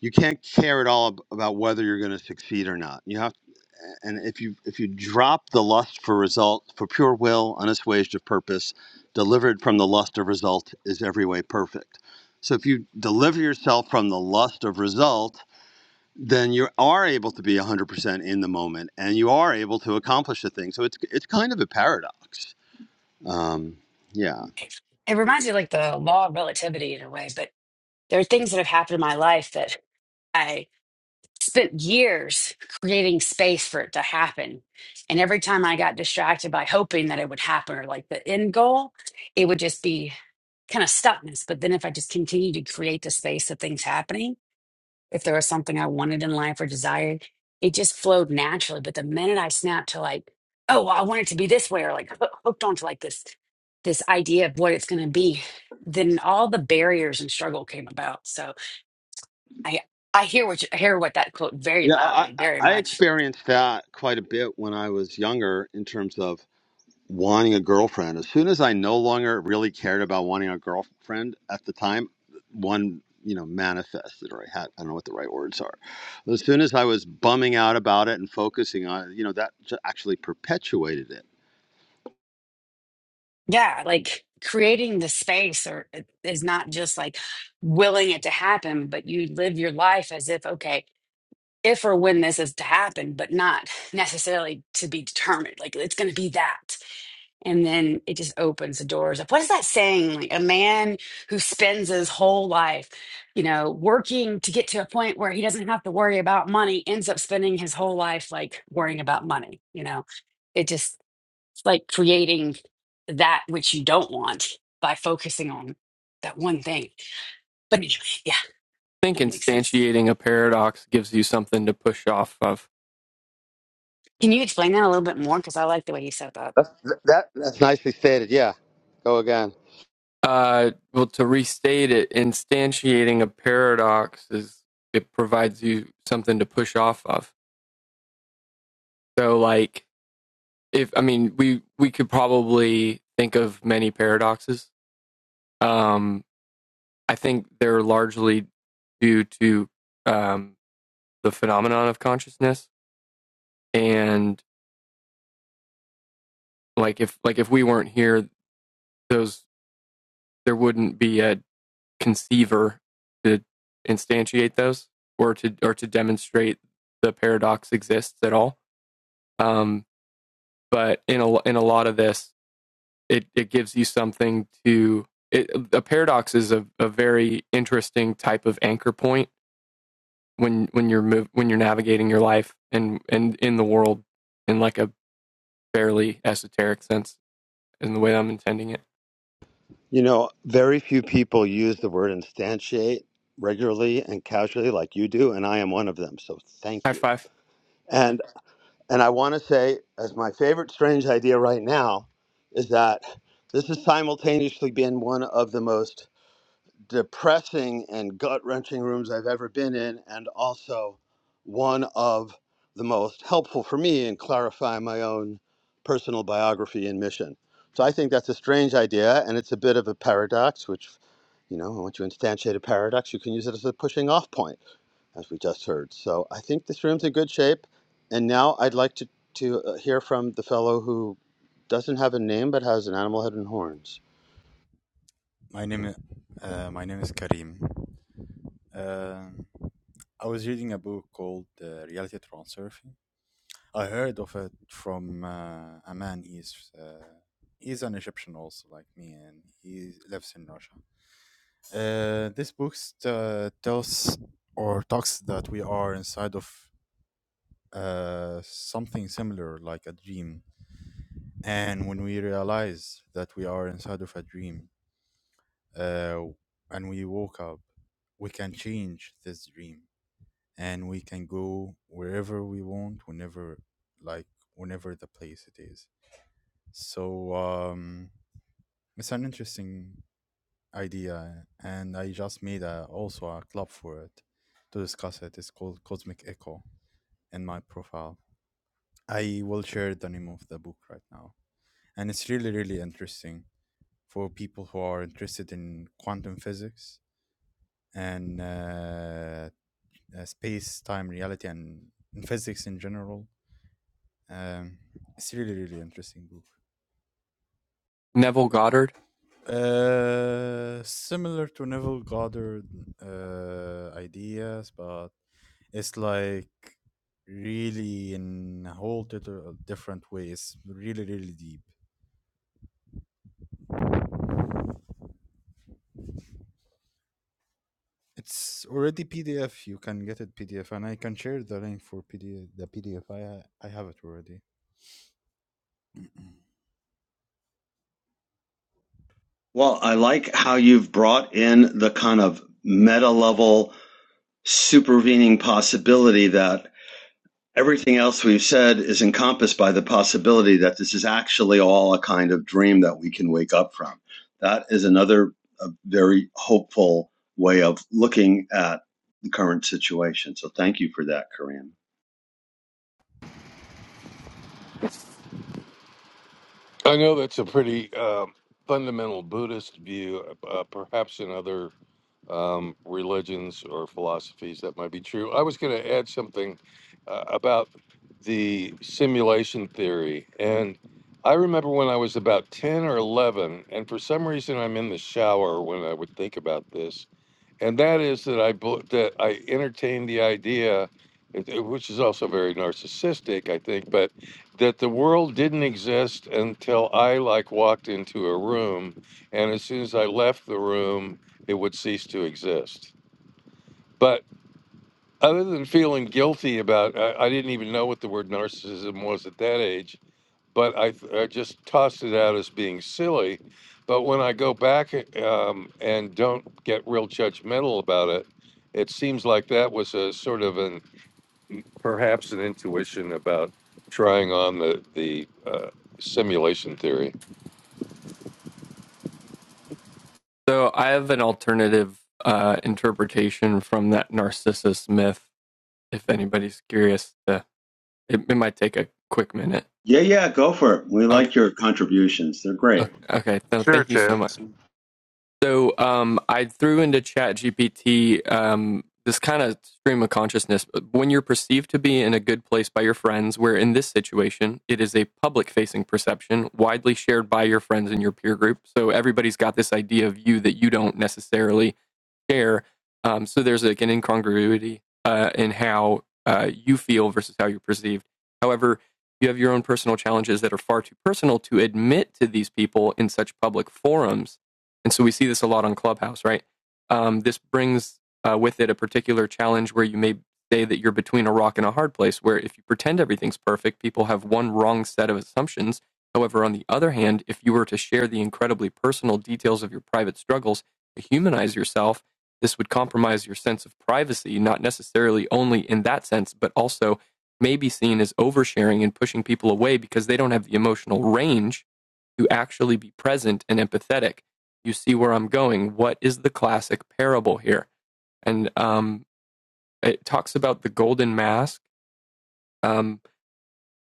you can't care at all ab- about whether you're going to succeed or not. You have, and if you if you drop the lust for result for pure will, unassuaged of purpose, delivered from the lust of result is every way perfect. So if you deliver yourself from the lust of result, then you are able to be 100% in the moment, and you are able to accomplish the thing. So it's it's kind of a paradox. Um, yeah, it reminds me of like the law of relativity in a way but there are things that have happened in my life that I. spent years creating space for it to happen. And every time I got distracted by hoping that it would happen or like the end goal, it would just be kind of stuckness. But then if I just continued to create the space of things happening, if there was something I wanted in life or desired, it just flowed naturally. But the minute I snapped to like, oh, well, I want it to be this way, or like hoo- hooked onto like this this idea of what it's going to be, then all the barriers and struggle came about. So. I I hear what you, I hear what that quote very yeah. I, loudly, I very I much. experienced that quite a bit when I was younger in terms of wanting a girlfriend. As soon as I no longer really cared about wanting a girlfriend at the time, one, you know, manifested, or I had, I don't know what the right words are. As soon as I was bumming out about it and focusing on it, you know, that ju- actually perpetuated it. Yeah, like creating the space or uh, is not just like willing it to happen, but you live your life as if okay, if or when this is to happen, but not necessarily to be determined. Like it's going to be that. And then it just opens the doors up. What is that saying? Like a man who spends his whole life, you know, working to get to a point where he doesn't have to worry about money ends up spending his whole life like worrying about money, you know? It just it's like creating that which you don't want by focusing on that one thing. But anyway, yeah, I think that makes sense. instantiating a paradox gives you something to push off of. Can you explain that a little bit more? Because I like the way you said that. That's, that, that's nicely stated. Yeah. Go again. Uh, well, to restate it, instantiating a paradox is it provides you something to push off of. So, like, if I mean we we could probably think of many paradoxes. Um, I think they're largely due to um, the phenomenon of consciousness, and like if like if we weren't here, those there wouldn't be a conceiver to instantiate those or to or to demonstrate the paradox exists at all. Um, but in a in a lot of this, it it gives you something to it, a paradox is a, a very interesting type of anchor point when when you're move, when you're navigating your life and and in the world in like a fairly esoteric sense in the way I'm intending it. You know, very few people use the word instantiate regularly and casually like you do, and I am one of them. So thank High you. five, And and I want to say, as my favorite strange idea right now, is that this has simultaneously been one of the most depressing and gut wrenching rooms I've ever been in, and also one of the most helpful for me in clarifying my own personal biography and mission. So I think that's a strange idea, and it's a bit of a paradox, which, you know, once you instantiate a paradox, you can use it as a pushing off point, as we just heard. So I think this room's in good shape, and now I'd like to, to uh, hear from the fellow who doesn't have a name but has an animal head and horns. My name, uh, my name is Karim. Uh, I was reading a book called uh, Reality Transurfing. I heard of it from uh, a man. He's uh, he's an Egyptian also, like me, and he lives in Russia. Uh, this book st- uh, tells or talks that we are inside of uh, something similar, like a dream. And when we realize that we are inside of a dream, uh, and we woke up, we can change this dream and we can go wherever we want, whenever, like, whenever the place it is. So, um, it's an interesting idea, and I just made a, also a club for it to discuss it. It's called Cosmic Echo in my profile. I will share the name of the book right now, and it's really, really interesting for people who are interested in quantum physics and uh, uh, space, time, reality, and [laughs] in physics in general. Um, it's really, really interesting book. Neville Goddard. Uh, similar to Neville Goddard uh, ideas, but it's like really in a whole total different way. It's really, really deep. It's already PDF. You can get it PDF, and I can share the link for PDF. The PDF I ha- I have it already. Well, I like how you've brought in the kind of meta level supervening possibility that everything else we've said is encompassed by the possibility that this is actually all a kind of dream that we can wake up from. That is another uh very hopeful way of looking at the current situation. So thank you for that, Karim. I know that's a pretty um fundamental Buddhist view. Uh, perhaps in other um, religions or philosophies that might be true. I was going to add something uh, about the simulation theory. And I remember when I was about 10 or 11, and for some reason I'm in the shower when I would think about this and that is that I bel- that I entertained the idea, it- it- which is also very narcissistic, I think, but that the world didn't exist until I like walked into a room, and as soon as I left the room, it would cease to exist. But other than feeling guilty about, I, I didn't even know what the word narcissism was at that age but I, I just tossed it out as being silly. But when I go back um, and don't get real judgmental about it, it seems like that was a sort of an perhaps an intuition about trying on the the uh, simulation theory. So I have an alternative uh, interpretation from that Narcissus myth. If anybody's curious, uh, it, it might take a quick minute. Yeah, yeah, go for it. We Oh, like your contributions. They're great. okay. okay. So Sure, thank you so Tim. much. So um, I threw into ChatGPT um, this kind of stream of consciousness. When you're perceived to be in a good place by your friends, where in this situation it is a public facing perception widely shared by your friends and your peer group. So everybody's got this idea of you that you don't necessarily share. Um, so there's like an incongruity uh, in how uh, you feel versus how you're perceived. However, you have your own personal challenges that are far too personal to admit to these people in such public forums. And so we see this a lot on Clubhouse, right? Um, this brings uh, with it a particular challenge where you may say that you're between a rock and a hard place, where if you pretend everything's perfect, people have one wrong set of assumptions. However, on the other hand, if you were to share the incredibly personal details of your private struggles to humanize yourself, this would compromise your sense of privacy, not necessarily only in that sense, but also may be seen as oversharing and pushing people away because they don't have the emotional range to actually be present and empathetic. You see where I'm going. What is the classic parable here? And um, it talks about the golden mask. Um,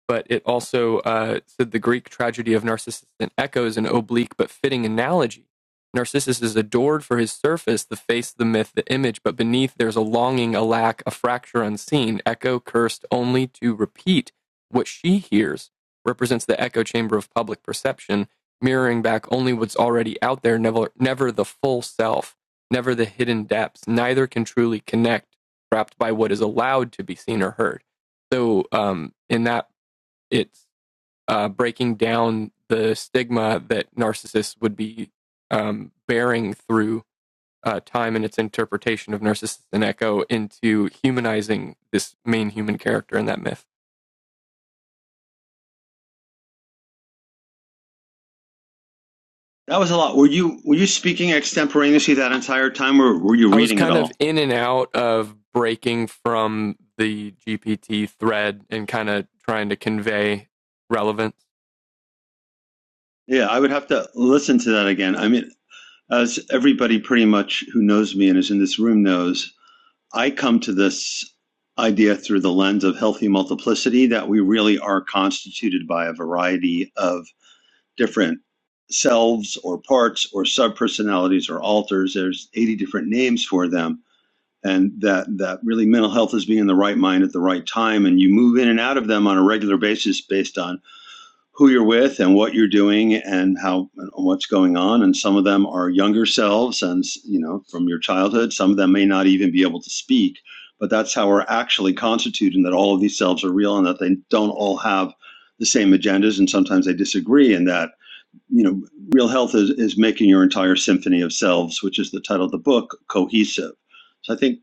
but it also uh, said the Greek tragedy of Narcissus and Echo is an oblique but fitting analogy. Narcissus is adored for his surface, the face, the myth, the image, but beneath there's a longing, a lack, a fracture unseen. Echo cursed only to repeat what she hears represents the echo chamber of public perception, mirroring back only what's already out there, never, never the full self, never the hidden depths. Neither can truly connect, wrapped by what is allowed to be seen or heard. So, um, in that it's uh, breaking down the stigma that narcissists would be um, bearing through uh, time and its interpretation of Narcissus and Echo into humanizing this main human character in that myth. That was a lot. Were you were you speaking extemporaneously that entire time or were you I was reading it kind of all? in and out of breaking from the GPT thread and kind of trying to convey relevance. Yeah, I would have to listen to that again. I mean, as everybody pretty much who knows me and is in this room knows, I come to this idea through the lens of healthy multiplicity that we really are constituted by a variety of different selves or parts or subpersonalities or alters. There's 80 different names for them. And that, that really mental health is being in the right mind at the right time. And you move in and out of them on a regular basis based on who you're with and what you're doing and how and what's going on and some of them are younger selves and you know from your childhood some of them may not even be able to speak but that's how we're actually constituted and that all of these selves are real and that they don't all have the same agendas and sometimes they disagree and that you know real health is, is making your entire symphony of selves which is the title of the book cohesive so i think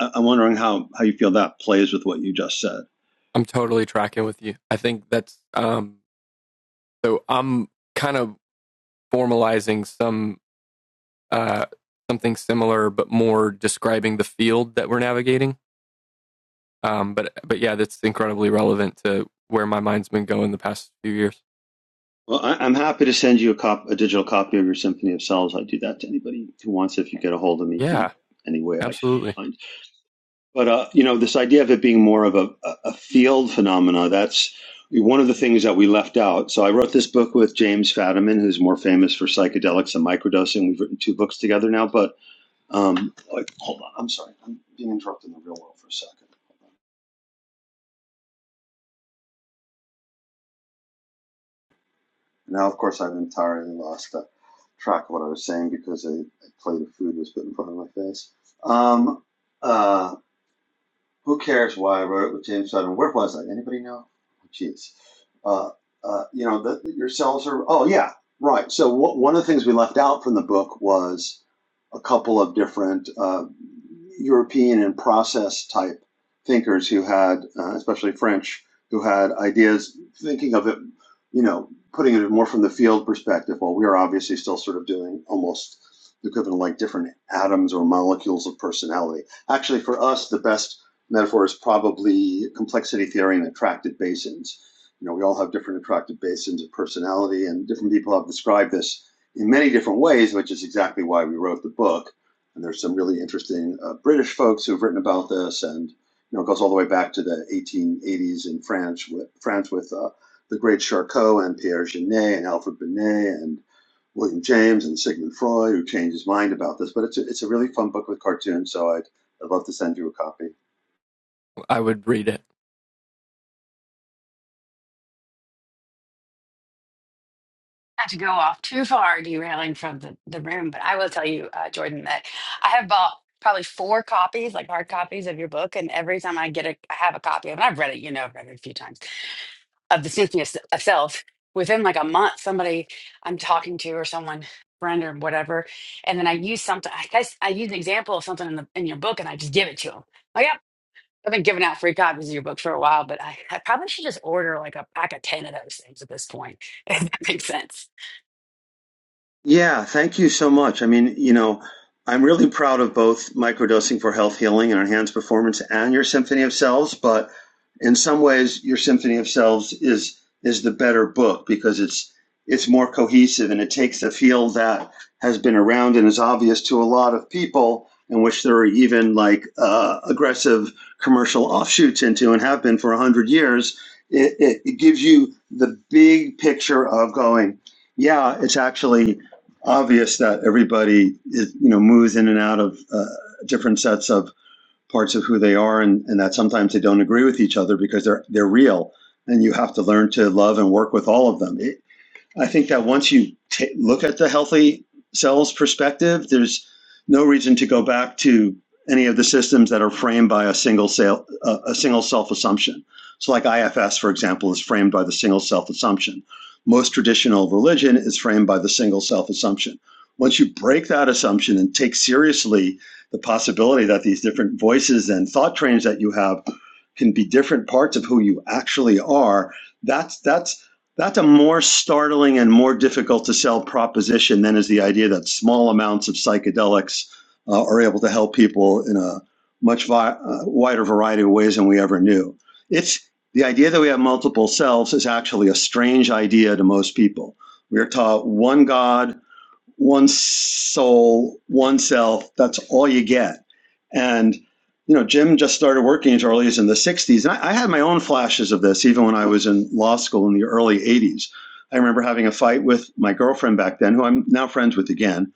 I- i'm wondering how how you feel that plays with what you just said I'm totally tracking with you. I think that's um, so. I'm kind of formalizing some uh, something similar, but more describing the field that we're navigating. Um, but but yeah, that's incredibly relevant to where my mind's been going the past few years. Well, I, I'm happy to send you a cop, a digital copy of your Symphony of Cells. I do that to anybody who wants. If you get a hold of me through Yeah, any way I can absolutely. find, but uh, you know, this idea of it being more of a, a a field phenomena. That's one of the things that we left out. So I wrote this book with James Fadiman, who's more famous for psychedelics and microdosing. We've written two books together now. But um, like, hold on, I'm sorry, I'm being interrupted in the real world for a second. Now, of course, I've entirely lost uh, track of what I was saying because a, a plate of food was put in front of my face. Um, uh, who cares why I wrote with James Sutton? Where was I? Anybody know? Oh, Jeez. Uh, uh, you know, the, your cells are. Oh yeah, right. So wha- one of the things we left out from the book was a couple of different uh, European and process type thinkers who had, uh, especially French, who had ideas thinking of it, you know, putting it more from the field perspective. While we are obviously still sort of doing almost the equivalent of like different atoms or molecules of personality. Actually, for us, the best metaphor is probably complexity theory and attracted basins. You know, we all have different attracted basins of personality, and different people have described this in many different ways, which is exactly why we wrote the book. And there's some really interesting uh, British folks who've written about this, and you know, it goes all the way back to the 1880s in France with France with uh, the great Charcot and Pierre Genet and Alfred Binet and William James and Sigmund Freud, who changed his mind about this. But it's a, it's a really fun book with cartoons, so I'd, I'd love to send you a copy. I would read it. not to go off too far derailing from the, the room, but I will tell you, uh, Jordan, that I have bought probably four copies, like hard copies of your book. And every time I get a, I have a copy of it, I've read it, you know, I've read it a few times of The Symphony of S- of Self. Within like a month, somebody I'm talking to or someone, friend or whatever, and then I use something, I guess I use an example of something in, the, in your book and I just give it to them. Like, yep, I've been giving out free copies of your book for a while, but I, I probably should just order like a pack of 10 of those things at this point, [laughs] if that makes sense. Yeah, thank you so much. I mean, you know, I'm really proud of both microdosing for health healing and enhanced performance and your symphony of selves, but in some ways your symphony of selves is is the better book because it's it's more cohesive and it takes a field that has been around and is obvious to a lot of people in which there are even like uh, aggressive commercial offshoots into and have been for 100 years it, it, it gives you the big picture of going yeah it's actually obvious that everybody is, you know moves in and out of uh, different sets of parts of who they are, and, and that sometimes they don't agree with each other because they're they're real, and you have to learn to love and work with all of them. It, I think that once you ta look at the healthy cells perspective, there's no reason to go back to any of the systems that are framed by a single cell, uh, a single self assumption. So, like IFS, for example, is framed by the single self assumption. Most traditional religion is framed by the single self assumption. Once you break that assumption and take seriously the possibility that these different voices and thought trains that you have can be different parts of who you actually are, that's that's that's a more startling and more difficult to sell proposition than is the idea that small amounts of psychedelics uh, are able to help people in a much vi- uh, wider variety of ways than we ever knew. It's the idea that we have multiple selves is actually a strange idea to most people. We are taught one God one soul, one self. That's all you get. And you know, Jim just started working as early as in the '60s, and I, I had my own flashes of this even when I was in law school in the early '80s. I remember having a fight with my girlfriend back then, who I'm now friends with again.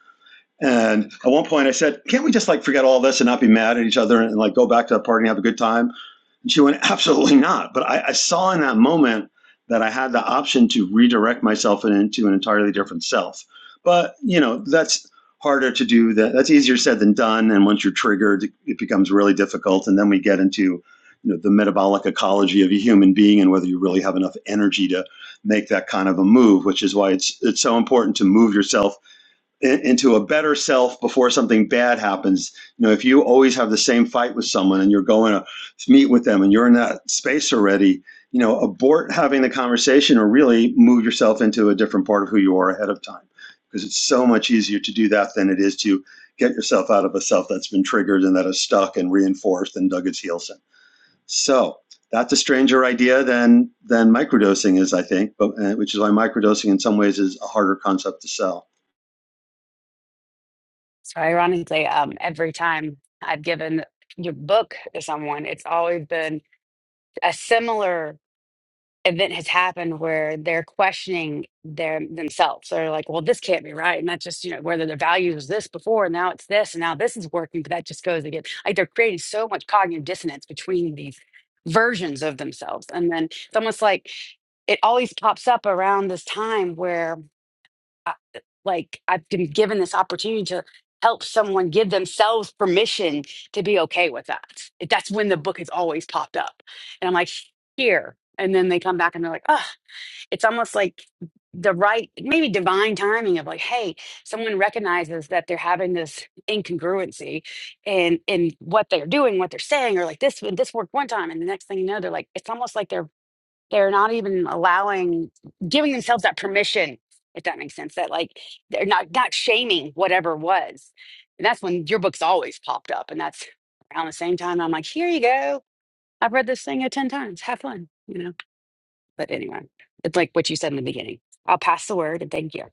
And at one point, I said, "Can't we just like forget all this and not be mad at each other and like go back to the party and have a good time?" And she went, absolutely not. But I, I saw in that moment that I had the option to redirect myself into an entirely different self. But, you know, that's harder to do that. That's easier said than done. And once you're triggered, it becomes really difficult. And then we get into, you know, the metabolic ecology of a human being and whether you really have enough energy to make that kind of a move, which is why it's, it's so important to move yourself into a better self before something bad happens. You know, if you always have the same fight with someone and you're going to meet with them and you're in that space already, you know, abort having the conversation or really move yourself into a different part of who you are ahead of time because it's so much easier to do that than it is to get yourself out of a self that's been triggered and that is stuck and reinforced and dug its heels in. So that's a stranger idea than than microdosing is, I think, but uh, which is why microdosing in some ways is a harder concept to sell. So ironically, um, every time I've given your book to someone, it's always been a similar event has happened where they're questioning their themselves. They're like, well, this can't be right. And that's just, you know, whether their values was this before and now it's this and now this is working, but that just goes again. Like they're creating so much cognitive dissonance between these versions of themselves. And then it's almost like it always pops up around this time where I- like I've been given this opportunity to help someone give themselves permission to be okay with that. It- That's when the book has always popped up. And I'm like, here. And then they come back and they're like, oh, it's almost like the right, maybe divine timing of like, hey, someone recognizes that they're having this incongruency and in in what they're doing, what they're saying, or like this this worked one time. And the next thing you know, they're like, it's almost like they're they're not even allowing giving themselves that permission if that makes sense that like they're not not shaming whatever was and that's when your book's always popped up and that's around the same time i'm like here you go i've read this thing uh, 10 times have fun you know but anyway it's like what you said in the beginning i'll pass the word and thank you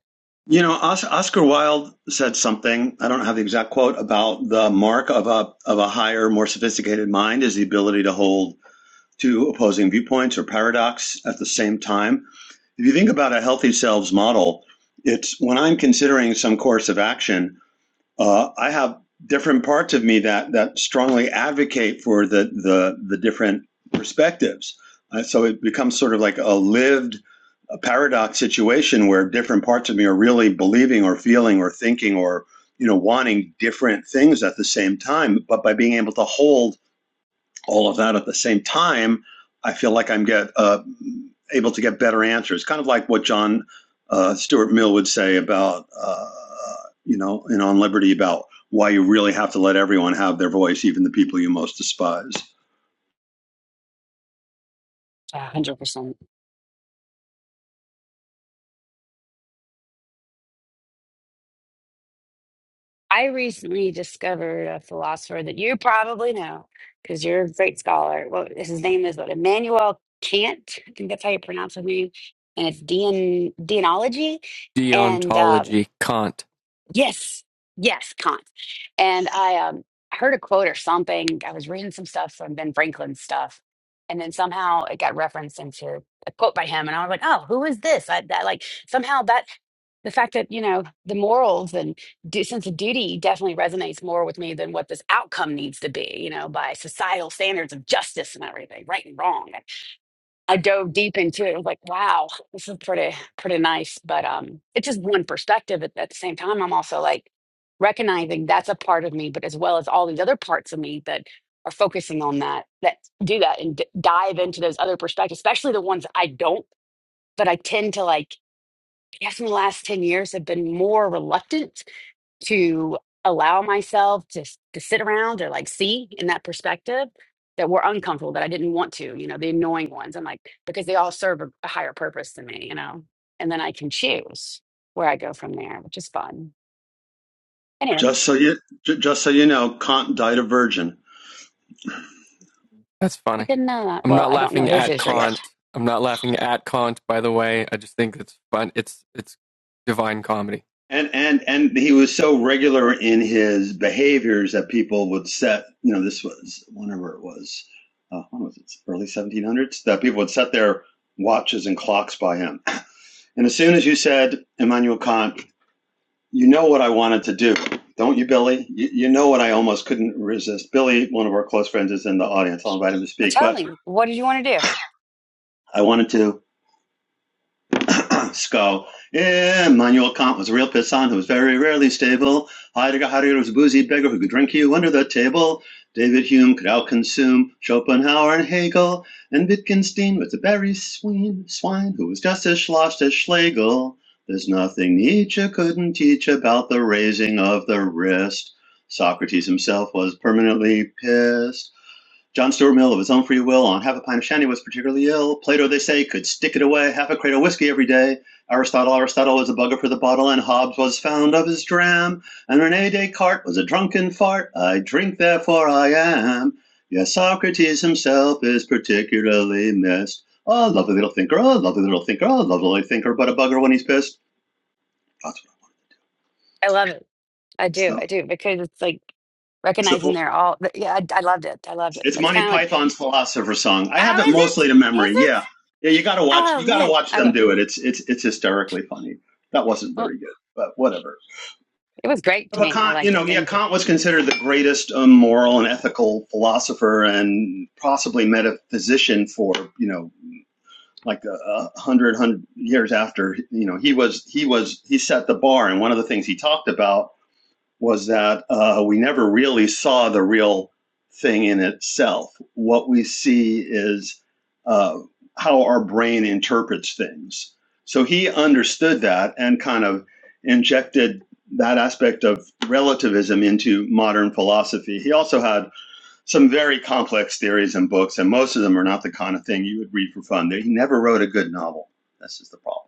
You know, Oscar Wilde said something. I don't have the exact quote about the mark of a of a higher, more sophisticated mind is the ability to hold two opposing viewpoints or paradox at the same time. If you think about a healthy selves model, it's when I'm considering some course of action, uh, I have different parts of me that that strongly advocate for the the the different perspectives. Uh, so it becomes sort of like a lived uh paradox situation where different parts of me are really believing or feeling or thinking or you know wanting different things at the same time. But by being able to hold all of that at the same time, I feel like I'm get uh, able to get better answers. Kind of like what John uh, Stuart Mill would say about uh, you know in On Liberty about why you really have to let everyone have their voice, even the people you most despise. A 100% I recently discovered a philosopher that you probably know because you're a great scholar. Well, his name is what, Immanuel Kant. I think that's how you pronounce his name. And it's Dean, deontology. And um, Deontology, Kant. yes, yes, Kant. And I um, heard a quote or something. I was reading some stuff from Ben Franklin's stuff. And then somehow it got referenced into a quote by him. And I was like, oh, who is this? I, that, like, somehow that the fact that you know the morals and du- sense of duty definitely resonates more with me than what this outcome needs to be you know by societal standards of justice and everything right and wrong And i dove deep into it i was like wow this is pretty pretty nice but um it's just one perspective at, at the same time i'm also like recognizing that's a part of me but as well as all these other parts of me that are focusing on that that do that and d- dive into those other perspectives especially the ones i don't but i tend to like I guess in the last 10 years have been more reluctant to allow myself to, s- to sit around or like see in that perspective that were uncomfortable, that I didn't want to, you know, the annoying ones. I'm like, because they all serve a, a higher purpose to me, you know, and then I can choose where I go from there, which is fun. Anyway. Just so you, just so you know, Kant died a virgin. That's I funny. didn't know that. I'm Well, not I don't know laughing his at Israel yet. Kant. I'm not laughing at Kant. By the way, I just think it's fun. It's it's divine comedy. And and and he was so regular in his behaviors that people would set. You know, this was whenever it was. Uh, when was it? Early 1700s. That people would set their watches and clocks by him. And as soon as you said Immanuel Kant, you know what I wanted to do, don't you, Billy? You, you know what I almost couldn't resist. Billy, one of our close friends, is in the audience. I'll invite him to Well, speak, tell but me, what did you want to do? I wanted to. [coughs] Skull. Immanuel Kant was a real pissant who was very rarely stable. Heidegger Heidegger was a boozy beggar who could drink you under the table. David Hume could outconsume Schopenhauer and Hegel. And Wittgenstein was a very swine, swine who was just as sloshed as Schlegel. There's nothing Nietzsche couldn't teach about the raising of the wrist. Socrates himself was permanently pissed. John Stuart Mill, of his own free will, on half a pint of shandy was particularly ill. Plato, they say, could stick it away half a crate of whiskey every day. Aristotle, Aristotle was a bugger for the bottle, and Hobbes was fond of his dram. And Rene Descartes was a drunken fart. I drink, therefore I am. Yes, Socrates himself is particularly missed. A lovely little thinker, a lovely little thinker, a lovely little thinker, but a bugger when he's pissed. That's what I want. I love it. I It's do. the, I do because it's like it's the full recognizing they're all. but Yeah, I, I loved it. I loved it. It's That's Monty kind of like, Python's Philosopher Song. I have oh, it is it? mostly to Is memory. Yeah, it? yeah. You got to watch. Oh You got to man, watch I them will. do it. It's it's it's hysterically funny. That wasn't Well, very good, but whatever. it was great to But me. I Kant, you liked know, it. Thank yeah, you. Kant was considered the greatest um, moral and ethical philosopher and possibly metaphysician for you know like a, a hundred hundred years after you know he was he was he set the bar and one of the things he talked about was that uh, we never really saw the real thing in itself. What we see is uh, how our brain interprets things. So he understood that and kind of injected that aspect of relativism into modern philosophy. He also had some very complex theories and books, and most of them are not the kind of thing you would read for fun. He never wrote a good novel. This is the problem.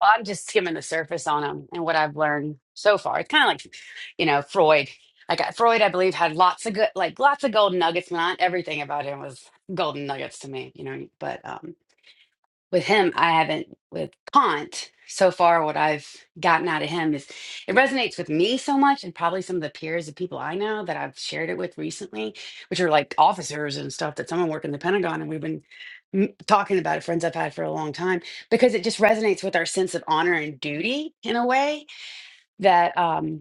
Well, I'm just skimming the surface on them and what I've learned so far. It's kind of like, you know, Freud. Like I- got Freud, I believe, had lots of good, like lots of golden nuggets. Not everything about him was golden nuggets to me, you know. But um, with him, I haven't with Kant so far. What I've gotten out of him is it resonates with me so much, and probably some of the peers of people I know that I've shared it with recently, which are like officers and stuff that someone worked in the Pentagon, and we've been m- talking about it, friends I've had for a long time, because it just resonates with our sense of honor and duty in a way that, um,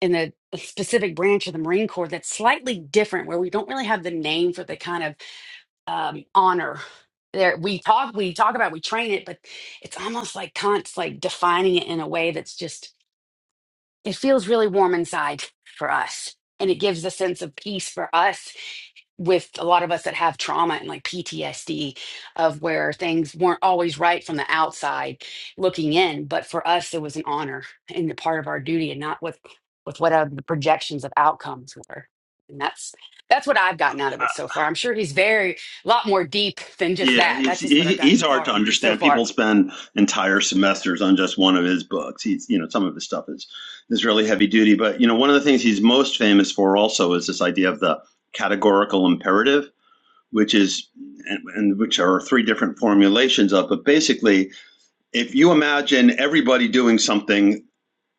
in the specific branch of the Marine Corps, that's slightly different, where we don't really have the name for the kind of um, honor. There we talk we talk about we train it, but it's almost like Kant's like defining it in a way that's just it feels really warm inside for us and it gives a sense of peace for us with a lot of us that have trauma and like PTSD of where things weren't always right from the outside looking in but for us it was an honor and a part of our duty and not with with what our- the projections of outcomes were and that's that's what I've gotten out of it so far I'm sure he's very a lot more deep than just Yeah, that he's that's just what he, I've he's gotten hard to far so understand. People far spend entire semesters on just one of his books. He's you know some of his stuff is is really heavy duty, but you know one of the things he's most famous for also is this idea of the categorical imperative, which is and, and which are three different formulations of. But basically, if you imagine everybody doing something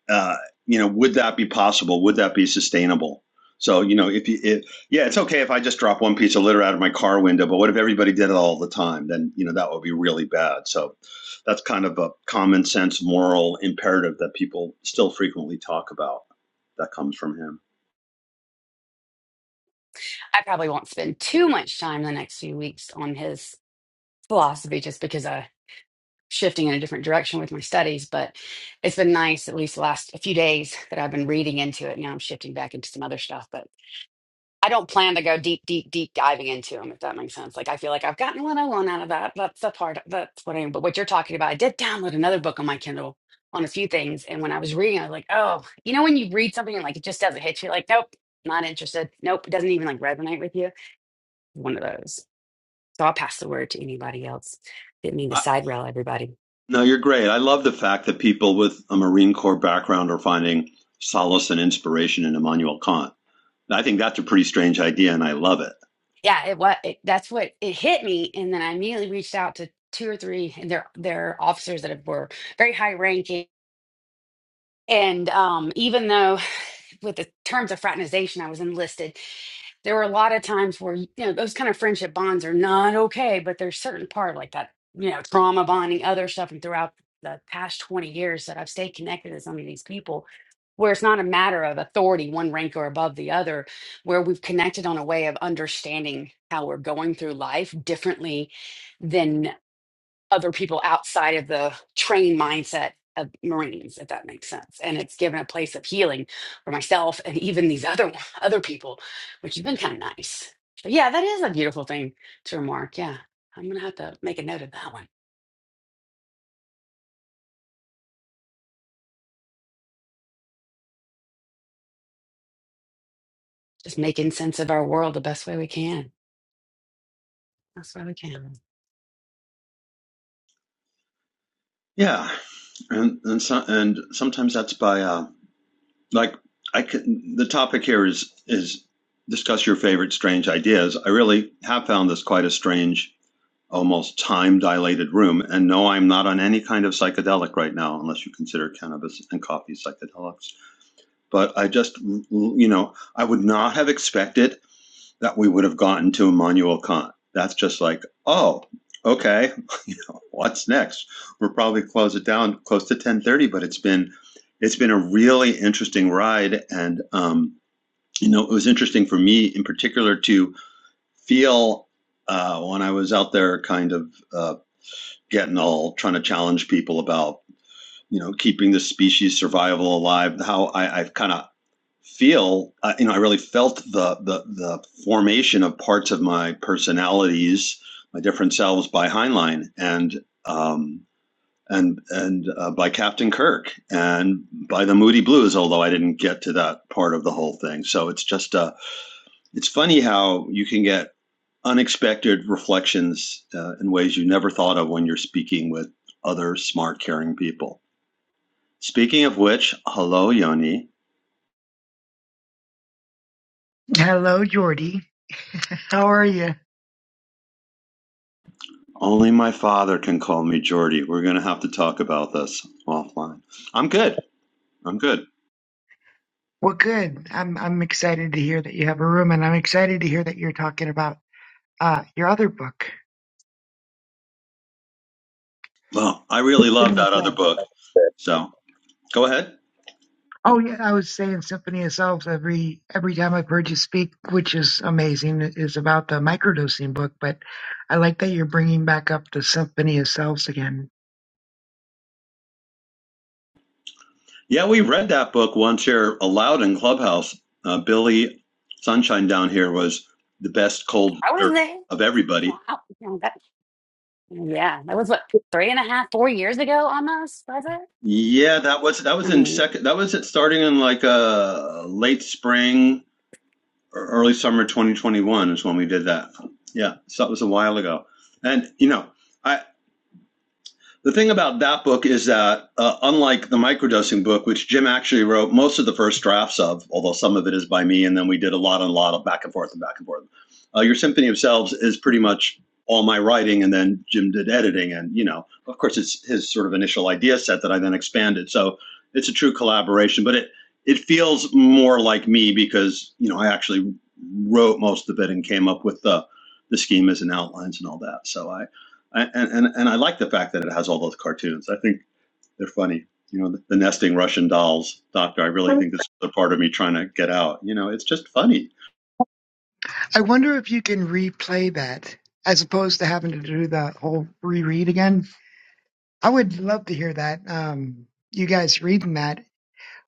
uh, you know, would that be possible? Would that be sustainable? So, you know, if you, if, yeah, it's okay if I just drop one piece of litter out of my car window, but what if everybody did it all the time? Then, you know, that would be really bad. So that's kind of a common sense moral imperative that people still frequently talk about. That comes from him. I probably won't spend too much time the next few weeks on his philosophy just because I'm shifting in a different direction with my studies. But it's been nice, at least the last a few days, that I've been reading into it. Now I'm shifting back into some other stuff, but I don't plan to go deep, deep, deep diving into them, if that makes sense. Like I feel like I've gotten what I want out of that. That's the part that's what I am. But what you're talking about, I did download another book on my Kindle on a few things. And when I was reading, I was like, oh, you know, when you read something and like it just doesn't hit you, like, nope, not interested. Nope, it doesn't even like resonate with you. One of those. So I'll pass the word to anybody else. Didn't mean to I, side rail everybody. no, you're great. I love the fact that people with a Marine Corps background are finding solace and inspiration in Immanuel Kant. I think that's a pretty strange idea and I love it. yeah, it what it, that's what it hit me, and then I immediately reached out to two or three and their their officers that have- were very high ranking. And um, even though with the terms of fraternization, I was enlisted, there were a lot of times where, you know, those kind of friendship bonds are not okay, but there's certain part like that, you know, trauma bonding, other stuff. And throughout the past 20 years that I've stayed connected to some of these people, where it's not a matter of authority, one rank or above the other, where we've connected on a way of understanding how we're going through life differently other people outside of the trained mindset of Marines, if that makes sense. And it's given a place of healing for myself and even these other [laughs] other people, which has been kind of nice. But yeah, that is a beautiful thing to remark. Yeah. I'm gonna have to make a note of that one. Just making sense of our world the best way we can. That's why we can. Yeah, and and so, and sometimes that's by uh, like I can, the topic here is is discuss your favorite strange ideas. I really have found this quite a strange, almost time dilated room. And no, I'm not on any kind of psychedelic right now, unless you consider cannabis and coffee psychedelics. But I just you know I would not have expected that we would have gotten to Immanuel Kant. That's just like, oh, okay, [laughs] you know, what's next? we will probably close it down close to ten thirty, but it's been it's been a really interesting ride, and um, you know, it was interesting for me in particular to feel uh, when I was out there, kind of uh, getting all trying to challenge people about you know, keeping the species survival alive. How I, I kind of feel, uh, you know, I really felt the, the the formation of parts of my personalities, my different selves by Heinlein and um, and and uh, by Captain Kirk and by the Moody Blues. Although I didn't get to that part of the whole thing, so it's just uh, it's funny how you can get unexpected reflections uh, in ways you never thought of when you're speaking with other smart, caring people. Speaking of which, hello, Yoni. Hello, Jordy. How are you? Only my father can call me Jordy. We're going to have to talk about this offline. I'm good. I'm good. Well, good. I'm I'm excited to hear that you have a room, and I'm excited to hear that you're talking about uh your other book. Well, I really love Symphony of that other Selves. book. So go ahead. Oh yeah, I was saying Symphony of Selves every every time I've heard you speak, which is amazing. It Is about the microdosing book, but I like that you're bringing back up the Symphony of Selves again. Yeah, we read that book once here aloud in Clubhouse. Uh, Billy Sunshine down here was the best cold I was reader there. of everybody. Wow. Well, that- yeah, that was what, three and a half, four years ago almost, was it? Yeah, that was that I was in mean, I second. That was it starting in like uh, late spring, early summer 2021 is when we did that. Yeah, so that was a while ago. And you know, I the thing about that book is that, uh, unlike the microdosing book, which Jim actually wrote most of the first drafts of, although some of it is by me, and then we did a lot and a lot of back and forth and back and forth. Uh, Your Symphony of Selves is pretty much all my writing, and then Jim did editing, and you know, of course, it's his sort of initial idea set that I then expanded. So it's a true collaboration, but it it feels more like me because you know I actually wrote most of it and came up with the the schemas and outlines and all that. So I I, and, and and I like the fact that it has all those cartoons. I think they're funny. You know, the, the nesting Russian dolls, Doctor. I really think this is the part of me trying to get out. You know, it's just funny. I wonder if you can replay that as opposed to having to do the whole reread again. I would love to hear that. Um, you guys reading that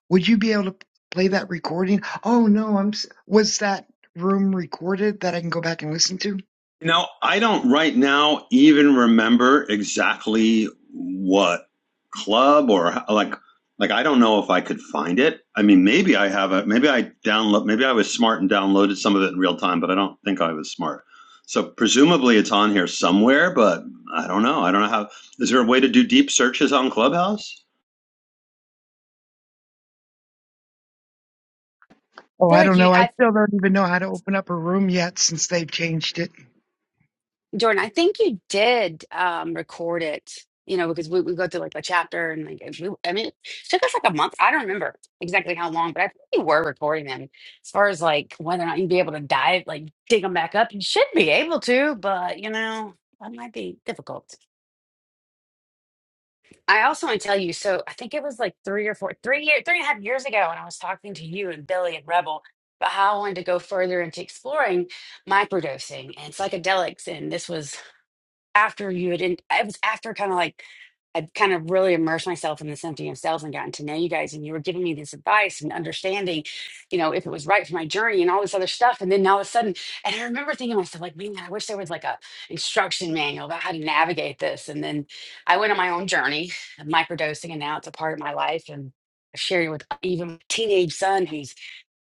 Would you be able to play that recording? Oh no, I'm. s- Was that room recorded that I can go back and listen to? You know, I don't right now even remember exactly what club or how- like like I don't know if I could find it. I mean, maybe I have a maybe I download maybe I was smart and downloaded some of it in real time, but I don't think I was smart. So presumably it's on here somewhere, but I don't know. I don't know how. Is there a way to do deep searches on Clubhouse? Oh, feel I like don't you. know. I I. still don't even know how to open up a room yet since they've changed it. Jordan, I think you did um, record it, you know, because we, we go through like a chapter and like, if you, I mean, it took us like a month. I don't remember exactly how long, but I think you were recording them. As far as like whether or not you'd be able to dive, like dig them back up, you should be able to, but you know, that might be difficult. I also want to tell you, so I think it was like three or four, three year, three and a half years ago when I was talking to you and Billy and Rebel about how I wanted to go further into exploring microdosing and psychedelics. And this was after you had, in, it was after kind of like I'd kind of really immersed myself in this empty of cells and gotten to know you guys, and you were giving me this advice and understanding, you know, if it was right for my journey and all this other stuff. And then all of a sudden, and I remember thinking to myself, like, man, I wish there was like a instruction manual about how to navigate this. And then I went on my own journey of microdosing, and now it's a part of my life. And I share it with even my teenage son, who's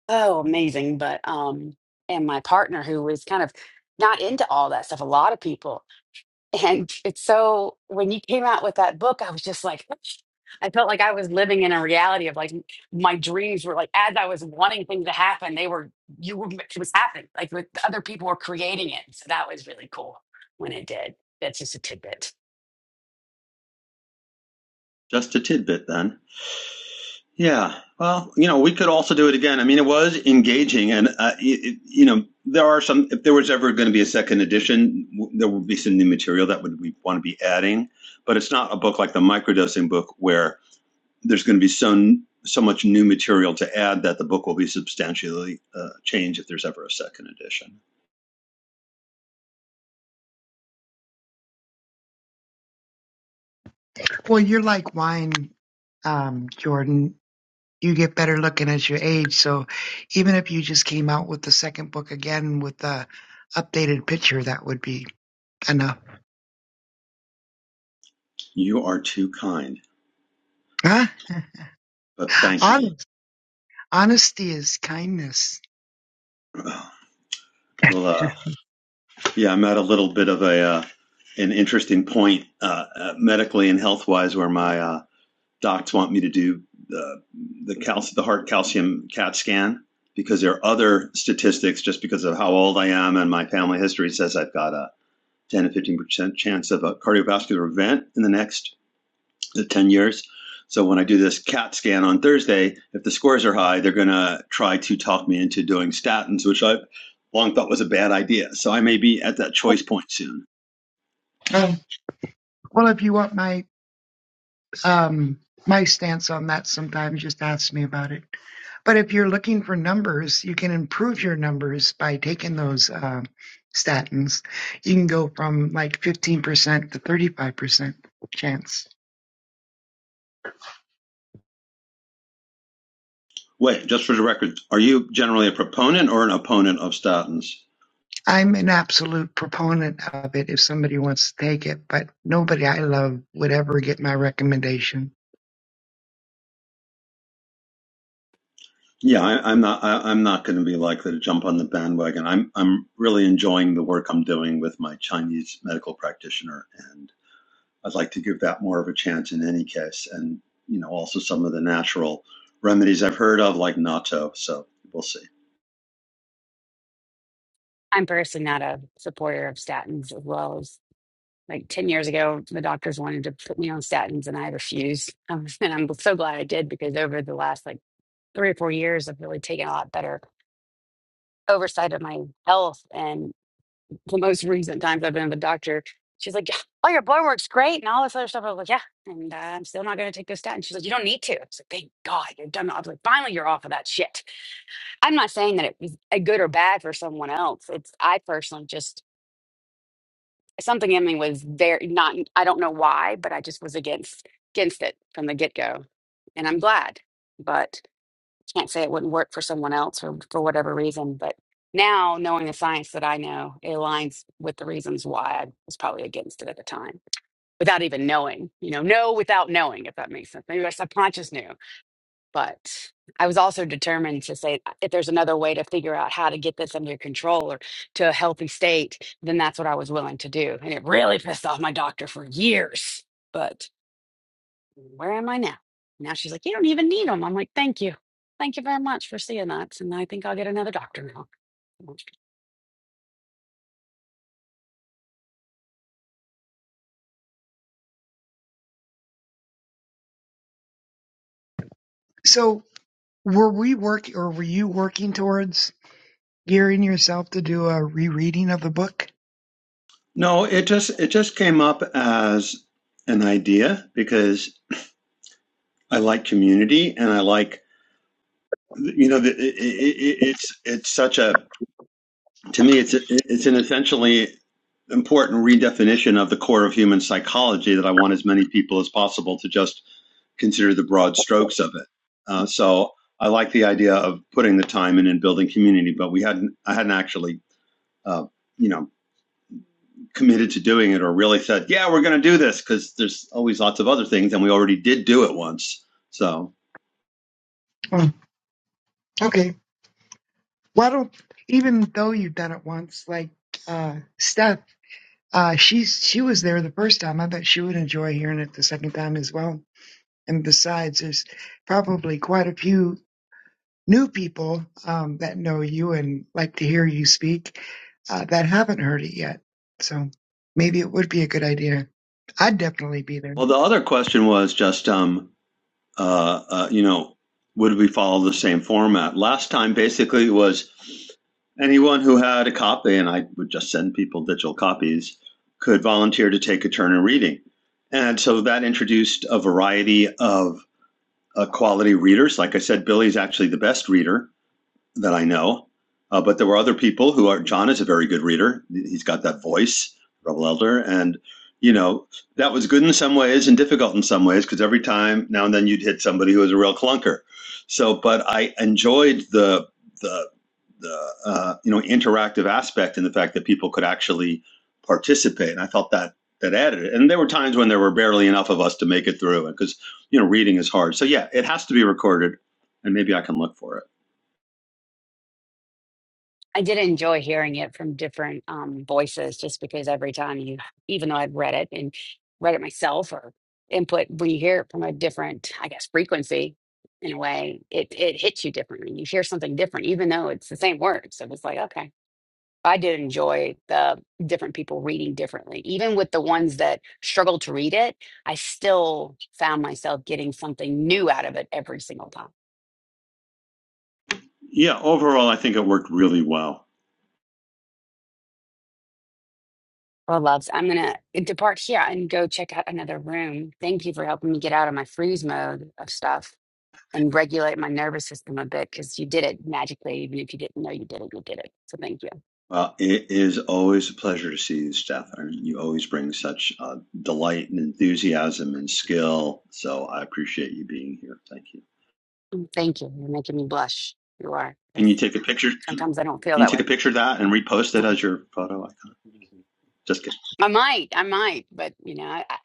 oh amazing, but um, and my partner who was kind of not into all that stuff. A lot of people and it's so when you came out with that book, I was just like, I felt like I was living in a reality of like my dreams were like as I was wanting things to happen, they were you were it was happening. Like with other people were creating it. So that was really cool when it did. That's just a tidbit. Just a tidbit then. Yeah. Well, you know, we could also do it again. I mean, it was engaging, and uh, it, you know, there are some. If there was ever going to be a second edition, w- there would be some new material that would we want to be adding. But it's not a book like the microdosing book where there's going to be so so much new material to add that the book will be substantially uh, changed if there's ever a second edition. Well, you're like wine, um, Jordan. You get better looking as you age. So even if you just came out with the second book again with the updated picture, that would be enough. You are too kind, Huh? but [laughs] thank you. Honest. Honesty is kindness. [sighs] [laughs] Well, uh, yeah, I'm at a little bit of a uh, an interesting point uh, uh, medically and health wise where my uh, docs want me to do the the, cal- the heart calcium CAT scan because there are other statistics just because of how old I am and my family history says I've got a 10 to 15% chance of a cardiovascular event in the next 10 years. So when I do this CAT scan on Thursday, if the scores are high, they're going to try to talk me into doing statins, which I've long thought was a bad idea. So I may be at that choice point soon. Um, well, if you want my Um, my stance on that sometimes just asks me about it. But if you're looking for numbers, you can improve your numbers by taking those uh, statins. You can go from like 15% to 35% chance. Wait, just for the record, are you generally a proponent or an opponent of statins? I'm an absolute proponent of it if somebody wants to take it, but nobody I love would ever get my recommendation. Yeah, I, I'm not. I, I'm not going to be likely to jump on the bandwagon. I'm. I'm really enjoying the work I'm doing with my Chinese medical practitioner, and I'd like to give that more of a chance in any case. And you know, also some of the natural remedies I've heard of, like natto. So we'll see. I'm personally not a supporter of statins as well as like 10 years ago, the doctors wanted to put me on statins and I refused. Um, [laughs] and I'm so glad I did because over the last like three or four years, I've really taken a lot better oversight of my health. and. the most recent times I've been to the doctor, she's like, "Yeah, "Oh, your blood work's great," and all this other stuff. I was like, "Yeah," and uh, I'm still not going to take this statin. She's like, "You don't need to." I was like, "Thank God you're done." I was like, "Finally, you're off of that shit." I'm not saying that it was a good or bad for someone else. It's I personally just something in me was very not. I don't know why, but I just was against against it from the get go, and I'm glad. But can't say it wouldn't work for someone else or for whatever reason, but now knowing the science that I know, it aligns with the reasons why I was probably against it at the time without even knowing, you know, know without knowing, if that makes sense. Maybe my subconscious knew, but I was also determined to say if there's another way to figure out how to get this under control or to a healthy state, then that's what I was willing to do. And it really pissed off my doctor for years. But where am I now? Now she's like, you don't even need them. I'm like, thank you. Thank you very much for seeing that. And I think I'll get another doctor now. So, were we working or were you working towards gearing yourself to do a rereading of the book? No, it just it just came up as an idea because I like community and I like you know the, it, it, it's it's such a To me, it's it's an essentially important redefinition of the core of human psychology that I want as many people as possible to just consider the broad strokes of it. Uh, so I like the idea of putting the time in and building community, but we hadn't I hadn't actually uh, you know committed to doing it or really said yeah we're going to do this because there's always lots of other things and we already did do it once. So Hmm, Okay. why don't even though you've done it once, like uh Steph, uh she's she was there the first time. I bet she would enjoy hearing it the second time as well. And besides, there's probably quite a few new people um that know you and like to hear you speak uh that haven't heard it yet. So maybe it would be a good idea. I'd definitely be there. well, the other question was just um, uh, uh, you know, would we follow the same format? Last time basically was anyone who had a copy, and I would just send people digital copies, could volunteer to take a turn in reading. And so that introduced a variety of uh, quality readers. Like I said, Billy's actually the best reader that I know. Uh, but there were other people who are. John is a very good reader. He's got that voice, Rebel Elder, and you know that was good in some ways and difficult in some ways because every time now and then you'd hit somebody who was a real clunker. So, but I enjoyed the the the uh, you know interactive aspect and the fact that people could actually participate, and I felt that that added it. And there were times when there were barely enough of us to make it through, because you know reading is hard. So yeah, it has to be recorded, and maybe I can look for it. I did enjoy hearing it from different um, voices just because every time you, even though I've read it and read it myself or input, when you hear it from a different, I guess, frequency in a way, it, it hits you differently. You hear something different, even though it's the same words. So it's like, okay. I did enjoy the different people reading differently. Even with the ones that struggled to read it, I still found myself getting something new out of it every single time. Yeah, overall, I think it worked really well. Well, loves, I'm going to depart here and go check out another room. Thank you for helping me get out of my freeze mode of stuff and regulate my nervous system a bit because you did it magically. Even if you didn't know you did it, you did it. So thank you. Well, it is always a pleasure to see you, Stefan. You always bring such uh, delight and enthusiasm and skill. So I appreciate you being here. Thank you. Mm, Thank you. You're making me blush. You are. Can you 'cause take a picture? Can sometimes I don't feel you that take a way. picture of that and repost it as your photo icon? Just kidding. I might, I might, but you know, I, I,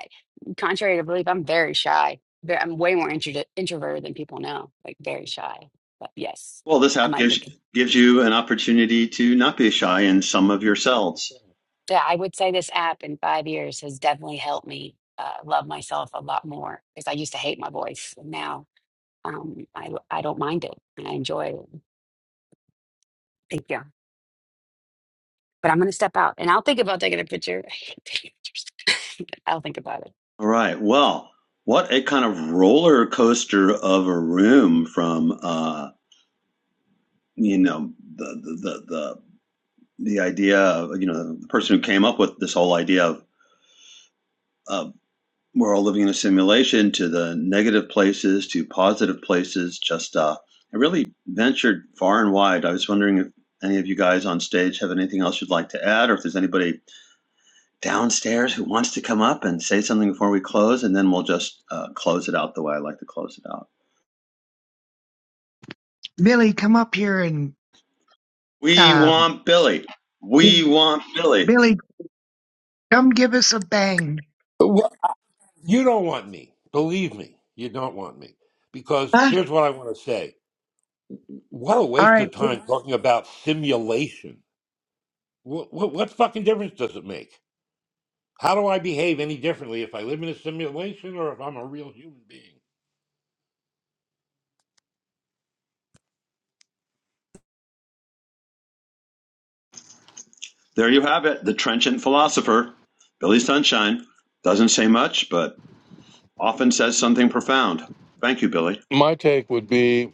contrary to belief, I'm very shy. Ve- I'm way more intro- introverted than people know, like very shy. But yes, Well, this I app might be. gives con- gives you an opportunity to not be shy in some of yourselves. Yeah, I would say this app in five years has definitely helped me uh, love myself a lot more because I used to hate my voice, and now um, I I don't mind it and I enjoy it. Thank you. But I'm going to step out and I'll think about taking a picture. [laughs] I hate taking pictures. [laughs] I'll think about it. All right. Well, what a kind of roller coaster of a room from uh, you know the the the, the the idea of you know the person who came up with this whole idea of uh, we're all living in a simulation to the negative places to positive places just uh i really ventured far and wide i was wondering if any of you guys on stage have anything else you'd like to add or if there's anybody downstairs who wants to come up and say something before we close and then we'll just uh, close it out the way i like to close it out Billy, come up here and we um want billy we want billy Billy, come give us a bang. Well, you don't want me. Believe me, you don't want me. Because Huh? here's what I want to say. What a All waste right. of time talking about simulation. What, what, what fucking difference does it make? How do I behave any differently if I live in a simulation or if I'm a real human being? there you have it the trenchant philosopher billy sunshine doesn't say much but often says something profound. Thank you, Billy. My take would be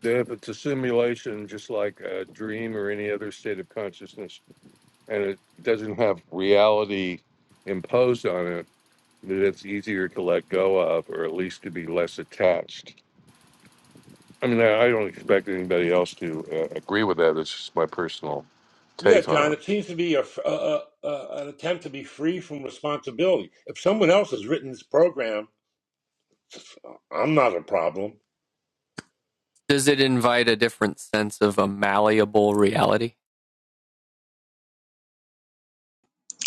that if it's a simulation, just like a dream or any other state of consciousness, and it doesn't have reality imposed on it that it's easier to let go of, or at least to be less attached. I mean, I, I don't expect anybody else to uh, agree with that. It's just my personal Yeah, take on it. John, it seems to be a, f- a- a- a- an attempt to be free from responsibility. If someone else has written this program, I'm not a problem. Does it invite a different sense of a malleable reality?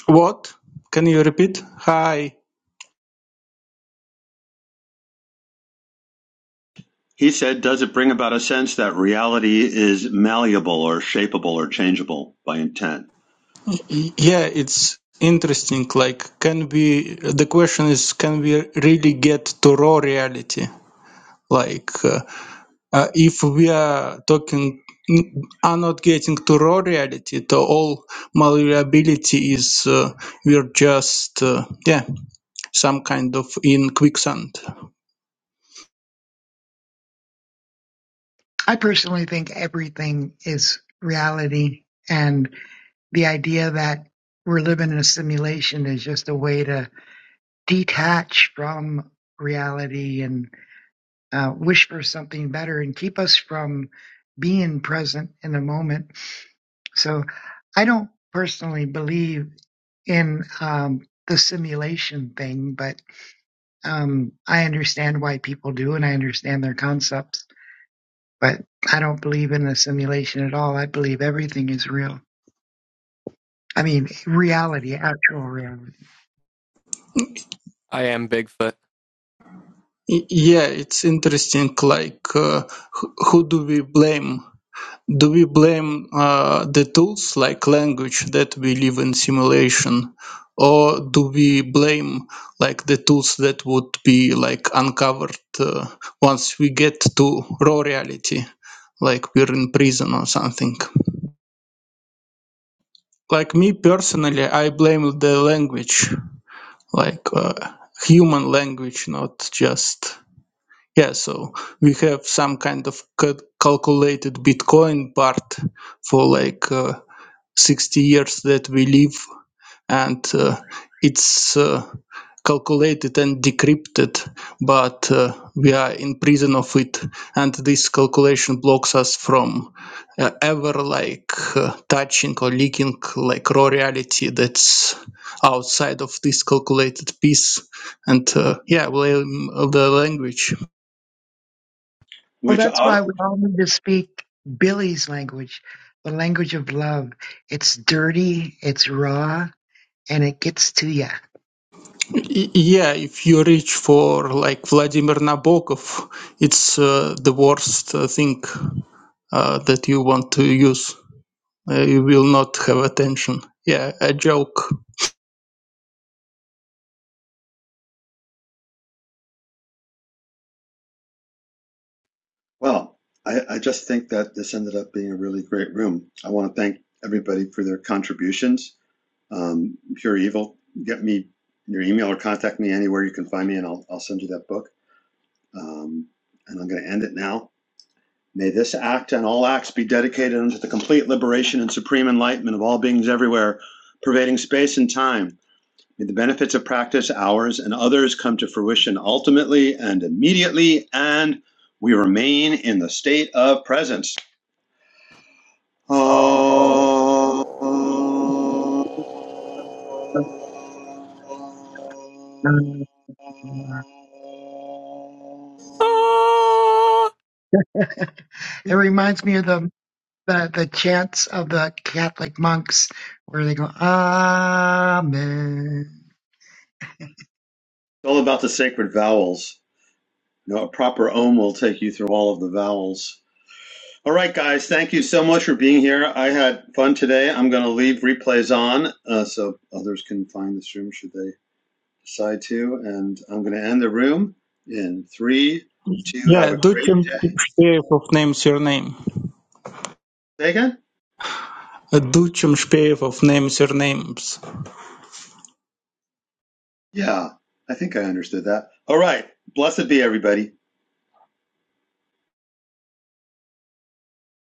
What? Can you repeat? Hi. He said, Does it bring about a sense that reality is malleable or shapeable or changeable by intent? Y- Yeah, it's interesting. Like, can we? The question is, can we really get to raw reality? Like, uh, uh, if we are talking, are not getting to raw reality, to all malleability is uh, we're just uh, yeah some kind of in quicksand. I personally think everything is reality, and the idea that we're living in a simulation is just a way to detach from reality and uh, wish for something better and keep us from being present in the moment. So, I don't personally believe in um, the simulation thing, but um, I understand why people do, and I understand their concepts. But I don't believe in the simulation at all. I believe everything is real. I mean, reality, actual reality. I am Bigfoot. Y- yeah, it's interesting. Like, uh, wh- who do we blame? do we blame uh, the tools like language that we live in simulation or do we blame like the tools that would be like uncovered uh, once we get to raw reality like we're in prison or something like me personally i blame the language like uh, human language not just yeah so we have some kind of cal- calculated bitcoin part for like uh, 60 years that we live and uh, it's uh, calculated and decrypted but uh, we are in prison of it and this calculation blocks us from uh, ever like uh, touching or leaking like raw reality that's outside of this calculated piece and uh, yeah blame the language Well, Which, that's uh, why we all need to speak Billy's language, the language of love. It's dirty, it's raw, and it gets to you. Y- yeah if you reach for like vladimir nabokov it's uh, the worst uh, thing uh, that you want to use. Uh, you will not have attention. Yeah, a joke. Well, I, I just think that this ended up being a really great room. I want to thank everybody for their contributions. Um, Pure Evil, get me your email or contact me anywhere you can find me, and I'll, I'll send you that book. Um, and I'm going to end it now. May this act and all acts be dedicated unto the complete liberation and supreme enlightenment of all beings everywhere, pervading space and time. May the benefits of practice, ours and others, come to fruition ultimately and immediately, and we remain in the state of presence. Om. [laughs] Ah! It reminds me of the, the, the chants of the Catholic monks where they go, Amen. It's all about the sacred vowels. No, a proper ohm will take you through all of the vowels. All right, guys, thank you so much for being here. I had fun today. I'm going to leave replays on uh, so others can find this room should they decide to. And I'm going to end the room in three, two, Yeah, have a great Duchem day. Shpeyev of name surname. Say again? Duchem Shpeyev of name surnames. Yeah, I think I understood that. All right, blessed be everybody.